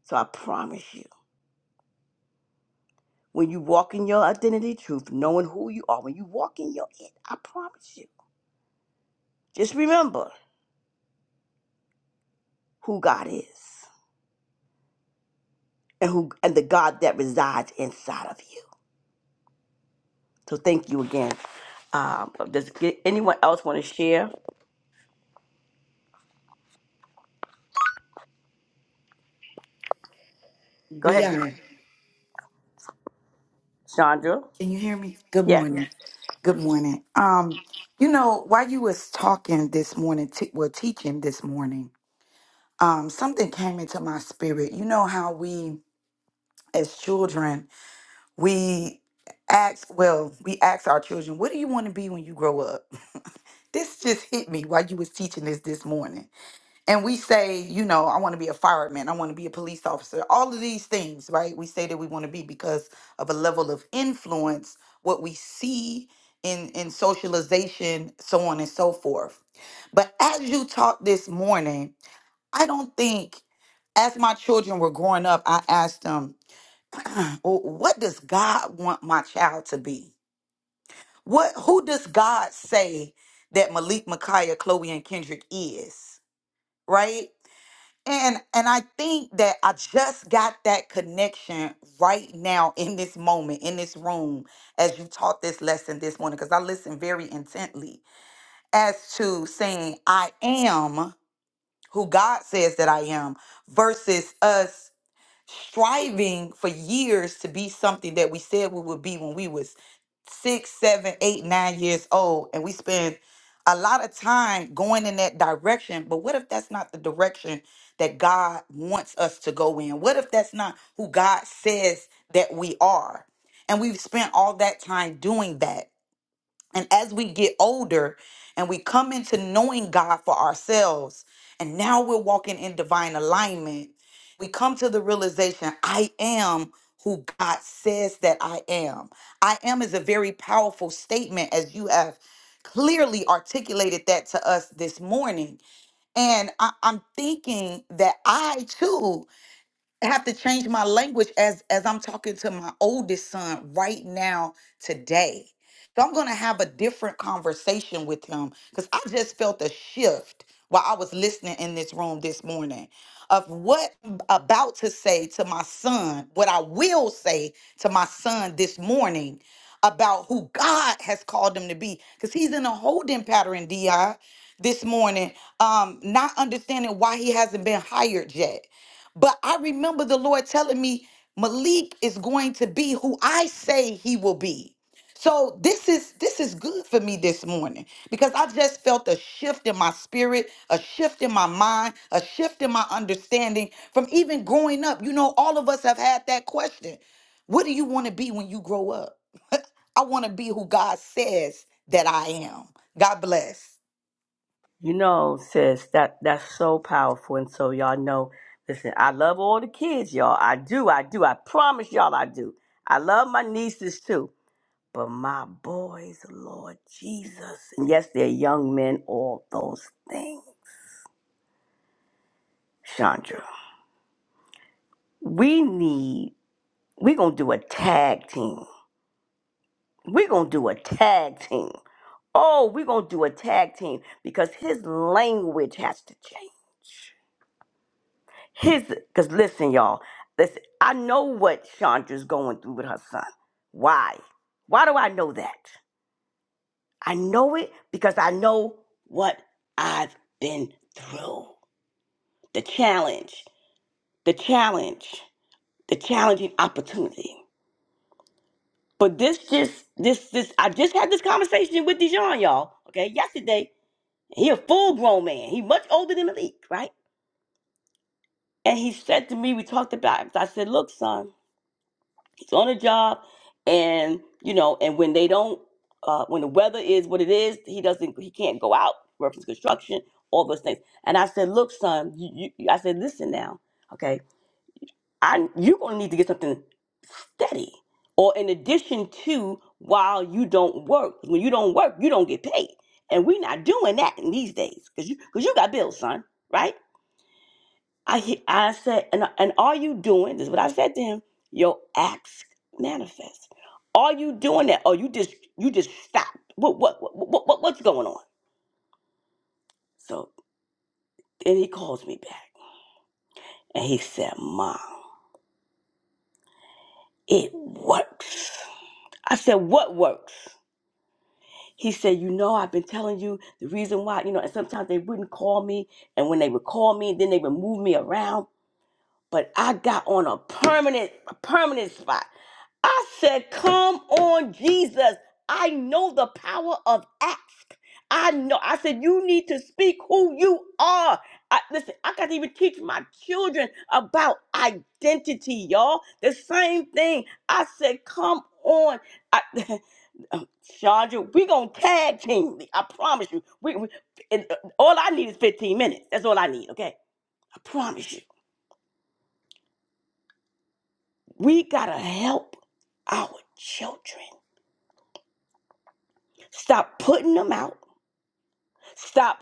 Speaker 1: So I promise you. When you walk in your identity truth, knowing who you are, when you walk in your it, I promise you. Just remember who God is and who and the God that resides inside of you. So thank you again. Um, does get- anyone else want to share? Go ahead,
Speaker 2: Dion,
Speaker 1: Chandra.
Speaker 2: can you hear me? Good
Speaker 1: Yes.
Speaker 2: morning. Good morning. Um, you know, while you was talking this morning, t- well, teaching this morning, um, something came into my spirit. You know how we, as children, we ask, well, we ask our children, "What do you want to be when you grow up?" This just hit me while you was teaching this this morning and we say, you know, I want to be a fireman, I want to be a police officer, all of these things, right? We say that we want to be because of a level of influence, what we see in in socialization, so on and so forth. But as you talked this morning, I don't think as my children were growing up, I asked them, "Well, what does God want my child to be? What who does God say that Malik, Micaiah, Chloe, and Kendrick is? Right? And and I think that I just got that connection right now in this moment, in this room, as you taught this lesson this morning, because I listened very intently as to saying I am who God says that I am versus us striving for years to be something that we said we would be when we was six, seven, eight, nine years old, and we spend a lot of time going in that direction. But what if that's not the direction that God wants us to go in? What if that's not who God says that we are? And we've spent all that time doing that. And as we get older and we come into knowing God for ourselves, and now we're walking in divine alignment, we come to the realization I am who God says that I am. I am is a very powerful statement, as you have clearly articulated that to us this morning. And I, am thinking that I too. I have to change my language as as I'm talking to my oldest son right now today. So I'm going to have a different conversation with him cuz I just felt a shift while I was listening in this room this morning of what I'm about to say to my son, what I will say to my son this morning about who God has called him to be cuz he's in a holding pattern DI this morning um not understanding why he hasn't been hired yet but I remember the Lord telling me Malik is going to be who I say he will be. So this is this is good for me this morning because I just felt a shift in my spirit, a shift in my mind, a shift in my understanding from even growing up. You know, all of us have had that question. What do you want to be when you grow up? I want to be who God says that I am. God bless.
Speaker 1: You know, sis, that that's so powerful. And so y'all know, listen, I love all the kids, y'all. I do, I do. I promise y'all I do. I love my nieces too. But my boys, Lord Jesus, and yes, they're young men, all those things. Chandra, we need, we're going to do a tag team. We're going to do a tag team. Oh, we're going to do a tag team because his language has to change. His, because listen, y'all, listen, I know what Chandra's going through with her son. Why? Why do I know that? I know it because I know what I've been through. the challenge, the challenge, the challenging opportunity. But this just this this I just had this conversation with Dijon, y'all. Okay, yesterday. He a full grown man. He much older than Malik, right? And he said to me, we talked about it. I said, look, son, he's on a job, and you know, and when they don't, uh, when the weather is what it is, he doesn't, he can't go out. Reference construction, all those things. And I said, look, son, you, you, I said, listen now, okay. I you're gonna need to get something steady. Or in addition to while you don't work. When you don't work, you don't get paid. And we're not doing that in these days. Cause you cause you got bills, son, right? I he- I said, and and are you doing this? is What I said to him, your acts manifest. Are you doing that? Or you just you just stop. What what what, what what's going on? So then he calls me back and he said, Mom, it works. I said, What works? He said, You know, I've been telling you the reason why, you know, and sometimes they wouldn't call me. And when they would call me, then they would move me around. But I got on a permanent, a permanent spot. I said, Come on, Jesus. I know the power of ask. I know. I said, You need to speak who you are. I, listen, I got to even teach my children about identity, y'all. The same thing. I said, Come on. I, Um, Sharja, we gonna tag team. I promise you. We, we and, uh, all I need is 15 minutes. That's all I need. Okay, I promise you. We gotta help our children. Stop putting them out. Stop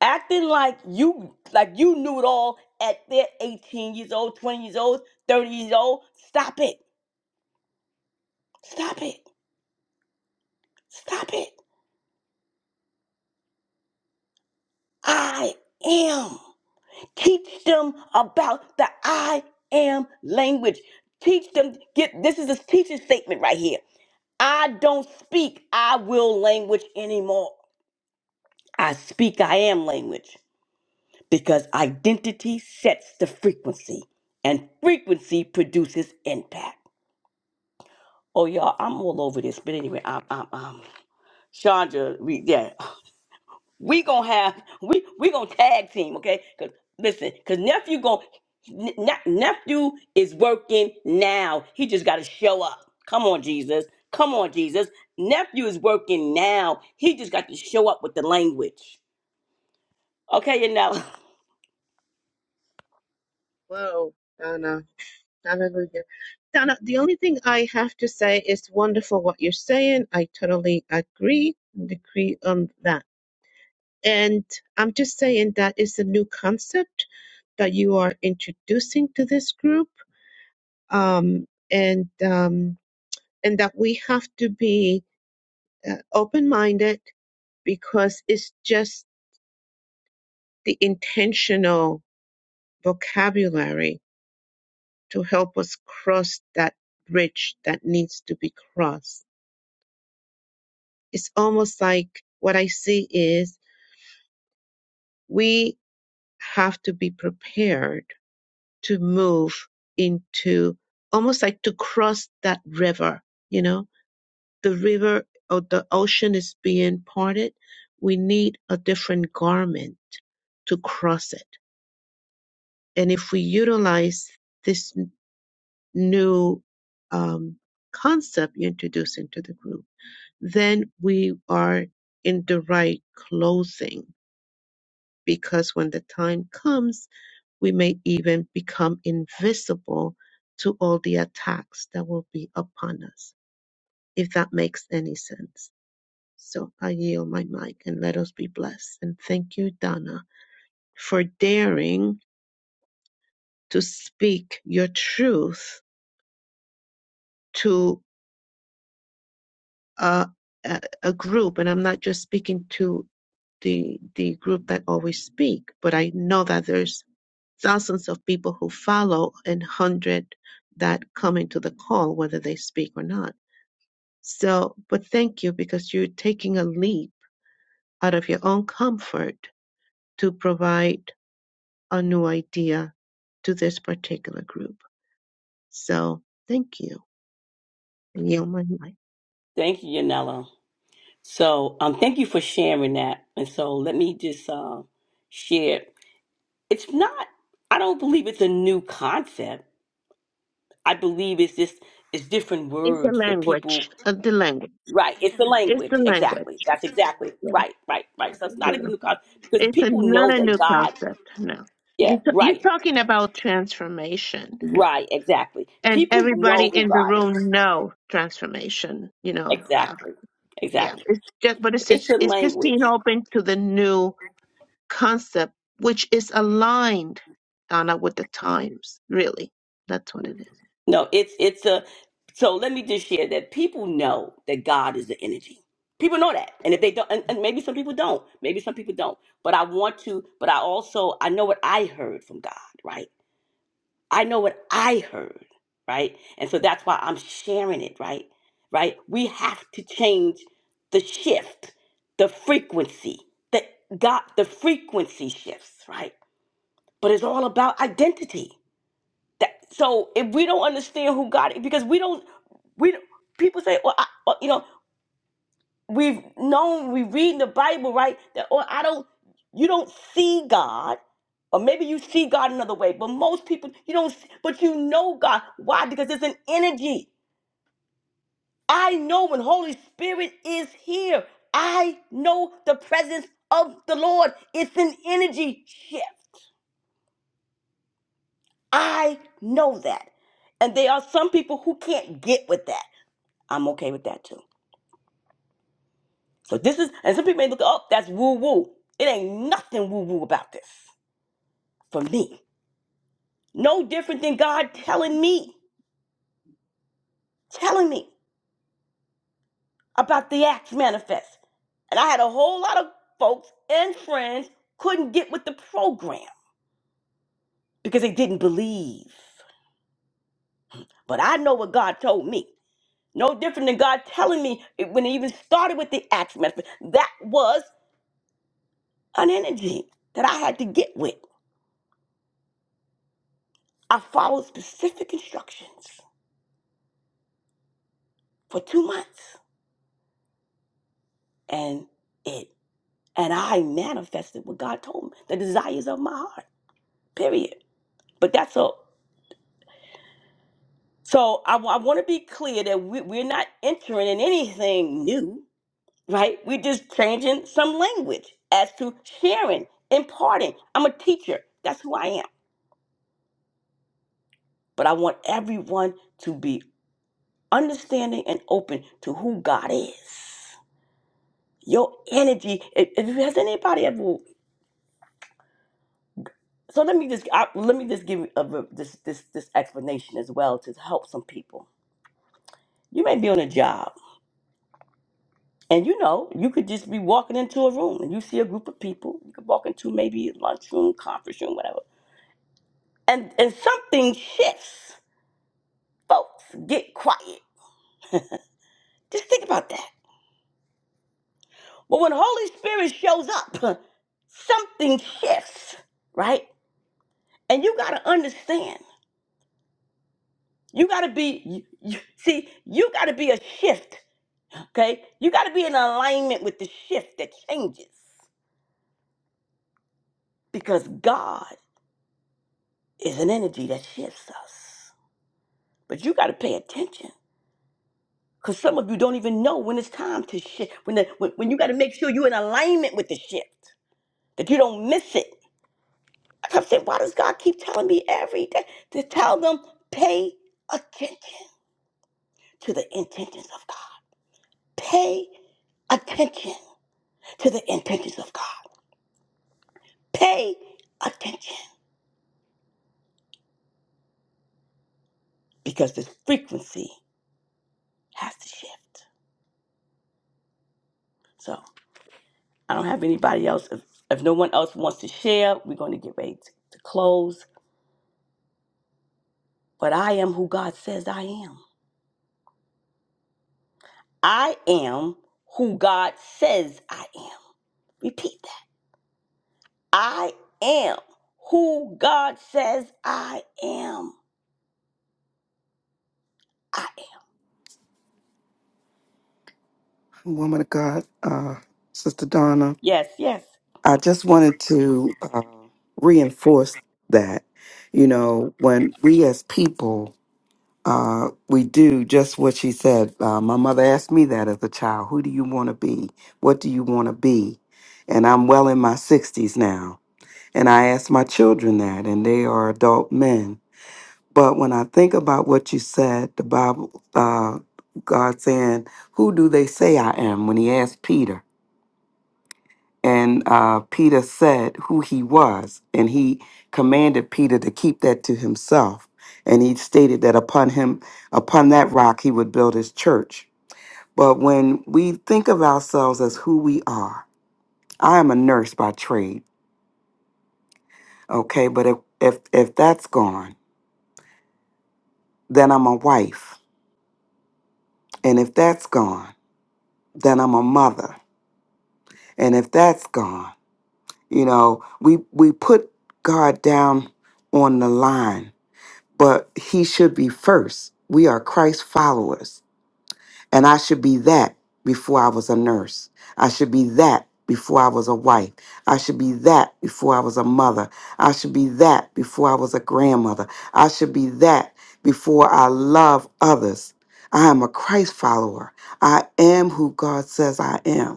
Speaker 1: acting like you like you knew it all at their 18 years old, 20 years old, 30 years old. Stop it. Stop it. Stop it. I am. Teach them about the I am language. Teach them, get this is a teaching statement right here. I don't speak I will language anymore. I speak I am language because identity sets the frequency and frequency produces impact. Oh, y'all, I'm all over this, but anyway, I'm, I'm, I'm. Chandra, we, yeah, we gonna have we we gonna tag team, okay? Cause listen, cause nephew going nephew is working now. He just gotta show up. Come on, Jesus. Come on, Jesus. Nephew is working now. He just got to show up with the language. Okay, Yanela.
Speaker 10: Whoa, Donna. Hallelujah. Donna, the only thing I have to say is wonderful what you're saying. I totally agree and agree on that. And I'm just saying that is a new concept that you are introducing to this group. Um, and um, and that we have to be uh, open-minded because it's just the intentional vocabulary to help us cross that bridge that needs to be crossed. It's almost like what I see is we have to be prepared to move into almost like to cross that river, you know, the river or the ocean is being parted. We need a different garment to cross it. And if we utilize this new um, concept you introduced into the group, then we are in the right clothing because when the time comes, we may even become invisible to all the attacks that will be upon us, if that makes any sense. So I yield my mic and let us be blessed. And thank you, Donna, for daring to speak your truth to a, a, a group. And I'm not just speaking to the, the group that always speak, but I know that there's thousands of people who follow and hundred that come into the call, whether they speak or not. So, but thank you because you're taking a leap out of your own comfort to provide a new idea to this particular group. So, thank you. And you my life.
Speaker 1: Thank you, Yanela. So um thank you for sharing that. And so let me just um share. It's not I don't believe it's a new concept. I believe it's just it's different
Speaker 10: It's a
Speaker 1: words that people
Speaker 10: language, uh, the language.
Speaker 1: Right. It's the
Speaker 10: It's the
Speaker 1: language.
Speaker 10: language.
Speaker 1: Exactly. That's exactly
Speaker 10: You know,
Speaker 1: right. Right. Right. So it's not
Speaker 10: you
Speaker 1: a
Speaker 10: know.
Speaker 1: new concept because
Speaker 10: it's a,
Speaker 1: people
Speaker 10: not
Speaker 1: know
Speaker 10: a
Speaker 1: that
Speaker 10: new
Speaker 1: God.
Speaker 10: concept. No,
Speaker 1: Yeah.
Speaker 10: you t- you're
Speaker 1: Right.
Speaker 10: talking about transformation
Speaker 1: Right. Exactly.
Speaker 10: and
Speaker 1: People
Speaker 10: everybody
Speaker 1: know who
Speaker 10: in the
Speaker 1: God is.
Speaker 10: room know transformation you know uh,
Speaker 1: Exactly.
Speaker 10: yeah
Speaker 1: Exactly.
Speaker 10: it's just but it's
Speaker 1: It's
Speaker 10: just,
Speaker 1: the
Speaker 10: it's just
Speaker 1: language.
Speaker 10: being open to the new concept which is aligned Donna with the times really that's what it is
Speaker 1: No. It's it's a. So let me just share that people know that God is the energy. People know that, and if they don't, and, and maybe some people don't, maybe some people don't. But I want to. But I also I know what I heard from God. Right I know what I heard, right? And so that's why I'm sharing it, right? Right? We have to change the shift, the frequency, the God, the frequency shifts, right? But it's all about identity. That so if we don't understand who God is, because we don't, we don't- people say, well, I, well, you know we've known we read in the bible right that or i don't you don't see god or maybe you see god another way but most people you don't see, but you know god why because it's an energy i know when holy spirit is here i know the presence of the lord it's an energy shift i know that and there are some people who can't get with that i'm okay with that too so this is and some people may look oh that's woo woo it ain't nothing woo woo about this for me. No different than God telling me, telling me about the Acts manifest. And I had a whole lot of folks and friends couldn't get with the program because they didn't believe. But I know what God told me. No different than God telling me it- when it even started with the Acts manifest. That was an energy that I had to get with. I followed specific instructions for two months and it and I manifested what God told me, the desires of my heart. period. But that's all. So I, w- I want to be clear that we, we're not entering in anything new, right? We're just changing some language as to sharing, imparting. I'm a teacher. That's who I am. But I want everyone to be understanding and open to who God is. Your energy. If, if has anybody ever, so let me just I, let me just give you a, this this this explanation as well to help some people. You may be on a job And you know, you could just be walking into a room and you see a group of people. You could walk into maybe a lunchroom, conference room, whatever. And and something shifts. Folks, get quiet. Just think about that. But when Holy Spirit shows up, something shifts, right? And you gotta understand. You gotta be you, you- see, you gotta be a shift, okay? You gotta be in alignment with the shift that changes. Because God is an energy that shifts us. But you gotta pay attention Because some of you don't even know when it's time to shift. When, the, when, when you got to make sure you're in alignment with the shift, that you don't miss it. I kept saying, why does God keep telling me every day to tell them, pay attention to the intentions of God? Pay attention to the intentions of God. Pay attention because the frequency has to shift. So I don't have anybody else. If, if no one else wants to share, we're going to get ready to to close. But I am who God says I am. I am who God says I am. Repeat that. I am who God says I am. I am.
Speaker 9: Woman of God, uh, Sister Donna,
Speaker 1: Yes, yes.
Speaker 9: I just wanted to uh, reinforce that, you know, when we as people, uh, we do just what she said. Uh, my mother asked me that as a child. Who do you want to be? What do you want to be? And I'm well in my 60s now And I ask my children that, and they are adult men. But when I think about what you said, the Bible, uh, God saying, Who do they say I am? when he asked Peter. And uh, Peter said who he was, and he commanded Peter to keep that to himself. And he stated that upon him, upon that rock, he would build his church. But when we think of ourselves as who we are, I am a nurse by trade, okay? But if, if, if that's gone, then I'm a wife. And if that's gone, then I'm a mother. And if that's gone, you know, we we put God down on the line, but he should be first. We are Christ followers. And I should be that before I was a nurse. I should be that before I was a wife. I should be that before I was a mother. I should be that before I was a grandmother. I should be that before I love others. I am a Christ follower. I am who God says I am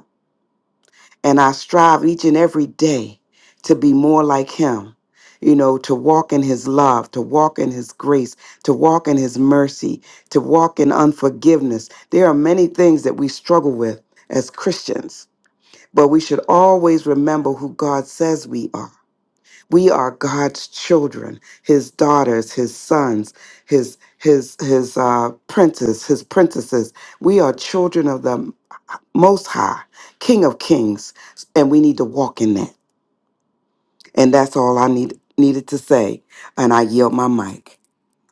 Speaker 9: and I strive each and every day to be more like him. You know, to walk in his love, to walk in his grace, to walk in his mercy, to walk in unforgiveness. There are many things that we struggle with as Christians, but we should always remember who God says we are. We are God's children, his daughters, his sons, his his his uh, princes, his princesses. We are children of the most high, King of kings, and we need to walk in that. And that's all I need, needed to say. And I yield my mic.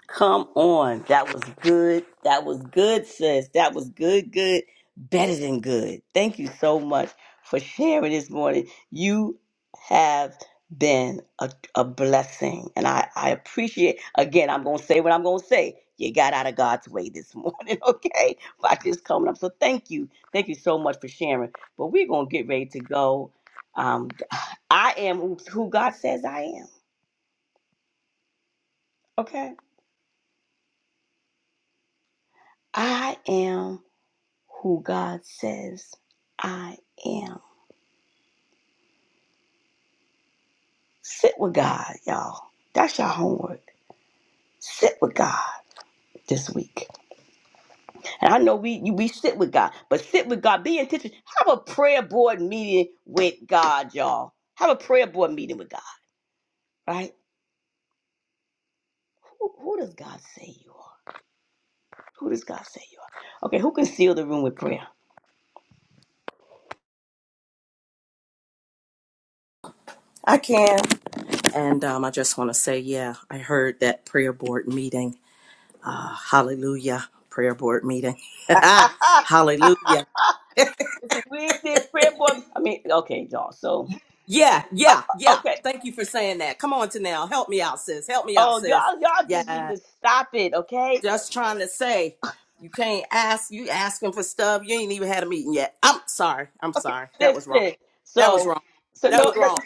Speaker 1: Come on. That was good. That was good, sis. That was good, good, better than good. Thank you so much for sharing this morning. You have been a, a blessing. And I, I appreciate, again, I'm going to say what I'm going to say. You got out of God's way this morning, okay? By just coming up. So thank you. Thank you so much for sharing. But we're going to get ready to go. Um, I am who who God says I am, okay? I am who God says I am. Sit with God, y'all. That's your homework. Sit with God this week. And I know we we sit with God, but sit with God. Be intentional. Have a prayer board meeting with God, y'all. Have a prayer board meeting with God, right? Who, who does God say you are? Who does God say you are? Okay, who can seal the room with prayer?
Speaker 3: I can. And um, I just want to say, yeah, I heard that prayer board meeting. Uh, hallelujah. Prayer board meeting. hallelujah.
Speaker 1: it's a big thing, prayer board. I mean, okay, y'all. So,
Speaker 3: Yeah, yeah, yeah.
Speaker 1: okay.
Speaker 3: Thank you for saying that. Come on, Tanel. Help me out, sis. Help me out,
Speaker 1: Oh,
Speaker 3: sis.
Speaker 1: y'all, y'all just need
Speaker 3: Yeah.
Speaker 1: to stop it, okay?
Speaker 3: Just trying to say you can't ask you asking for stuff. You ain't even had a meeting yet. I'm sorry. I'm sorry. That was wrong.
Speaker 1: Listen,
Speaker 3: That was
Speaker 1: so
Speaker 3: wrong.
Speaker 1: so
Speaker 3: That
Speaker 1: no,
Speaker 3: was
Speaker 1: no,
Speaker 3: wrong.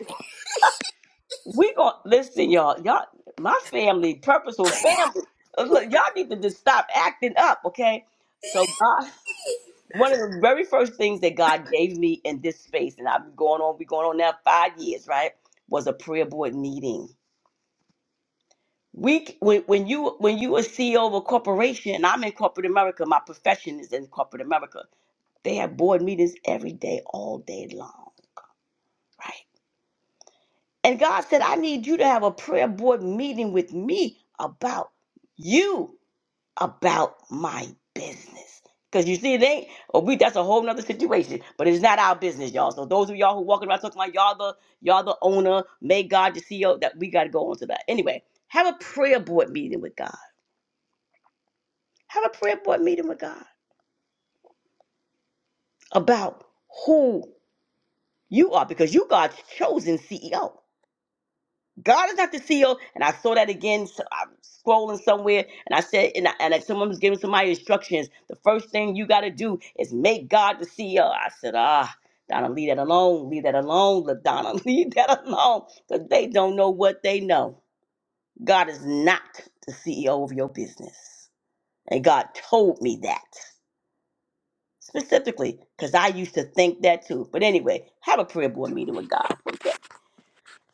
Speaker 1: we gon' listen, y'all. Y'all, my family, purposeful family. Uh, Look, y'all need to just stop acting up, okay? So God, one of the very first things that God gave me in this space, and I've been going on, we going on now five years, right? Was a prayer board meeting. We c- when when you when you a CEO of a corporation, and I'm in corporate America, my profession is in corporate America. They have board meetings every day, all day long, right? And God said, I need you to have a prayer board meeting with me about you, about my business. Because you see, it ain't, oh, we, that's a whole nother situation, but it's not our business, y'all. So those of y'all who walking around talking about y'all the, y'all the owner, may God the CEO, that we got to go on to that. Anyway, have a prayer board meeting with God. Have a prayer board meeting with God about who you are because you God's chosen CEO. God is not the CEO. And I saw that again. So I'm scrolling somewhere, and I said, and, I, and if someone was giving somebody instructions, the first thing you got to do is make God the CEO. I said, ah, Donna, leave that alone. Leave that alone, LaDonna. Leave that alone. Because they don't know what they know. God is not the CEO of your business. And God told me that specifically because I used to think that too. But anyway, have a prayer board meeting with God.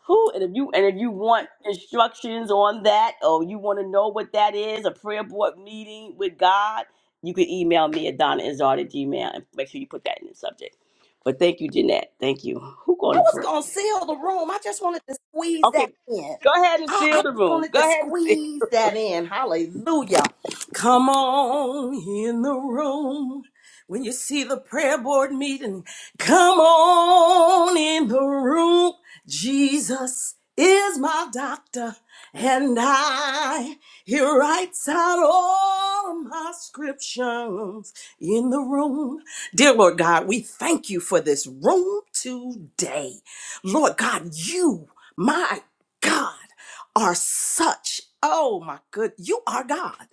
Speaker 1: Who and if you and if you want instructions on that or you want to know what that is, a prayer board meeting with God, you can email me at Donna Izard at Gmail and make sure you put that in the subject. But thank you, Jeanette. Thank you. Who
Speaker 3: I
Speaker 1: going to
Speaker 3: was
Speaker 1: pray?
Speaker 3: gonna seal the room. I just wanted to squeeze that
Speaker 1: Okay.
Speaker 3: in.
Speaker 1: Go ahead and
Speaker 3: I,
Speaker 1: seal
Speaker 3: I
Speaker 1: the
Speaker 3: just
Speaker 1: room.
Speaker 3: wanted
Speaker 1: Go
Speaker 3: to
Speaker 1: ahead and seal.
Speaker 3: squeeze that in. Hallelujah. Come on in the room. When you see the prayer board meeting, come on in the room. Jesus is my doctor, and I, he writes out all my scriptures in the room. Dear Lord God, we thank you for this room today. Lord God, you, my God, are such, oh my good, you are God.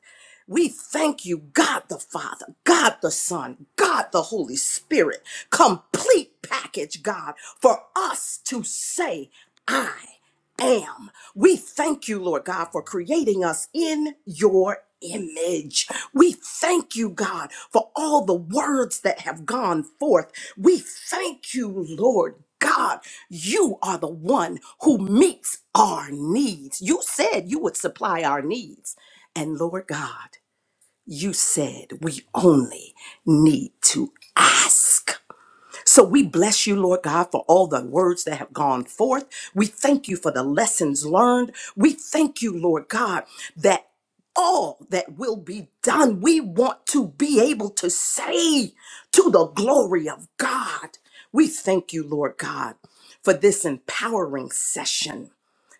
Speaker 3: We thank you, God the Father, God the Son, God the Holy Spirit, complete package, God, for us to say, I am. We thank you, Lord God, for creating us in your image. We thank you, God, for all the words that have gone forth. We thank you, Lord. God, you are the one who meets our needs. You said you would supply our needs. And Lord God, you said we only need to ask. So we bless you, Lord God, for all the words that have gone forth. We thank you for the lessons learned. We thank you, Lord God, that all that will be done, we want to be able to say to the glory of God. We thank you, Lord God, for this empowering session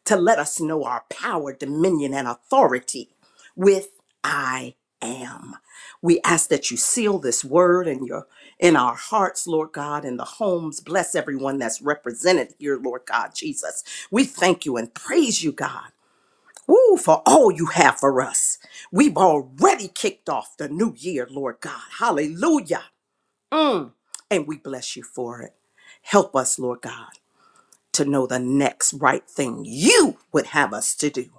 Speaker 3: to let us know our power, dominion, and authority with I am. We ask that you seal this word in your in our hearts, Lord God, in the homes. Bless everyone that's represented here, Lord God Jesus. We thank you and praise you, God. Woo, for all you have for us. We've already kicked off the new year, Lord God. Hallelujah. Mm. And we bless you for it. Help us, Lord God to know the next right thing you would have us to do.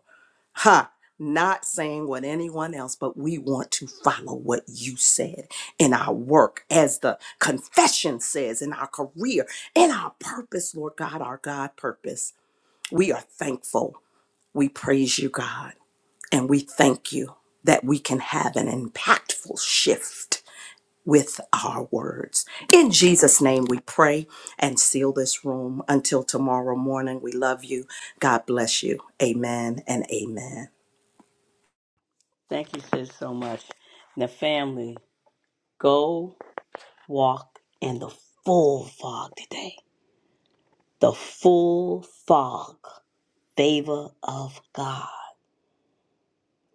Speaker 3: Ha! Not saying what anyone else, but we want to follow what you said in our work, as the confession says, in our career, in our purpose, Lord God, our God purpose. We are thankful. We praise you, God, and we thank you that we can have an impactful shift with our words. In Jesus' name, we pray and seal this room. Until tomorrow morning, we love you. God bless you. Amen and amen.
Speaker 1: Thank you, sis, so much. Now family, go walk in the full fog today. The full fog. Favor of God.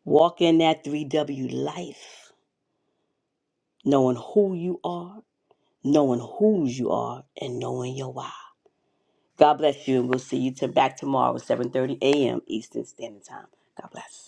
Speaker 1: Walk in that 3W life, knowing who you are, knowing whose you are, and knowing your why. God bless you, and we'll see you to back tomorrow at 7.30 a.m. Eastern Standard Time. God bless.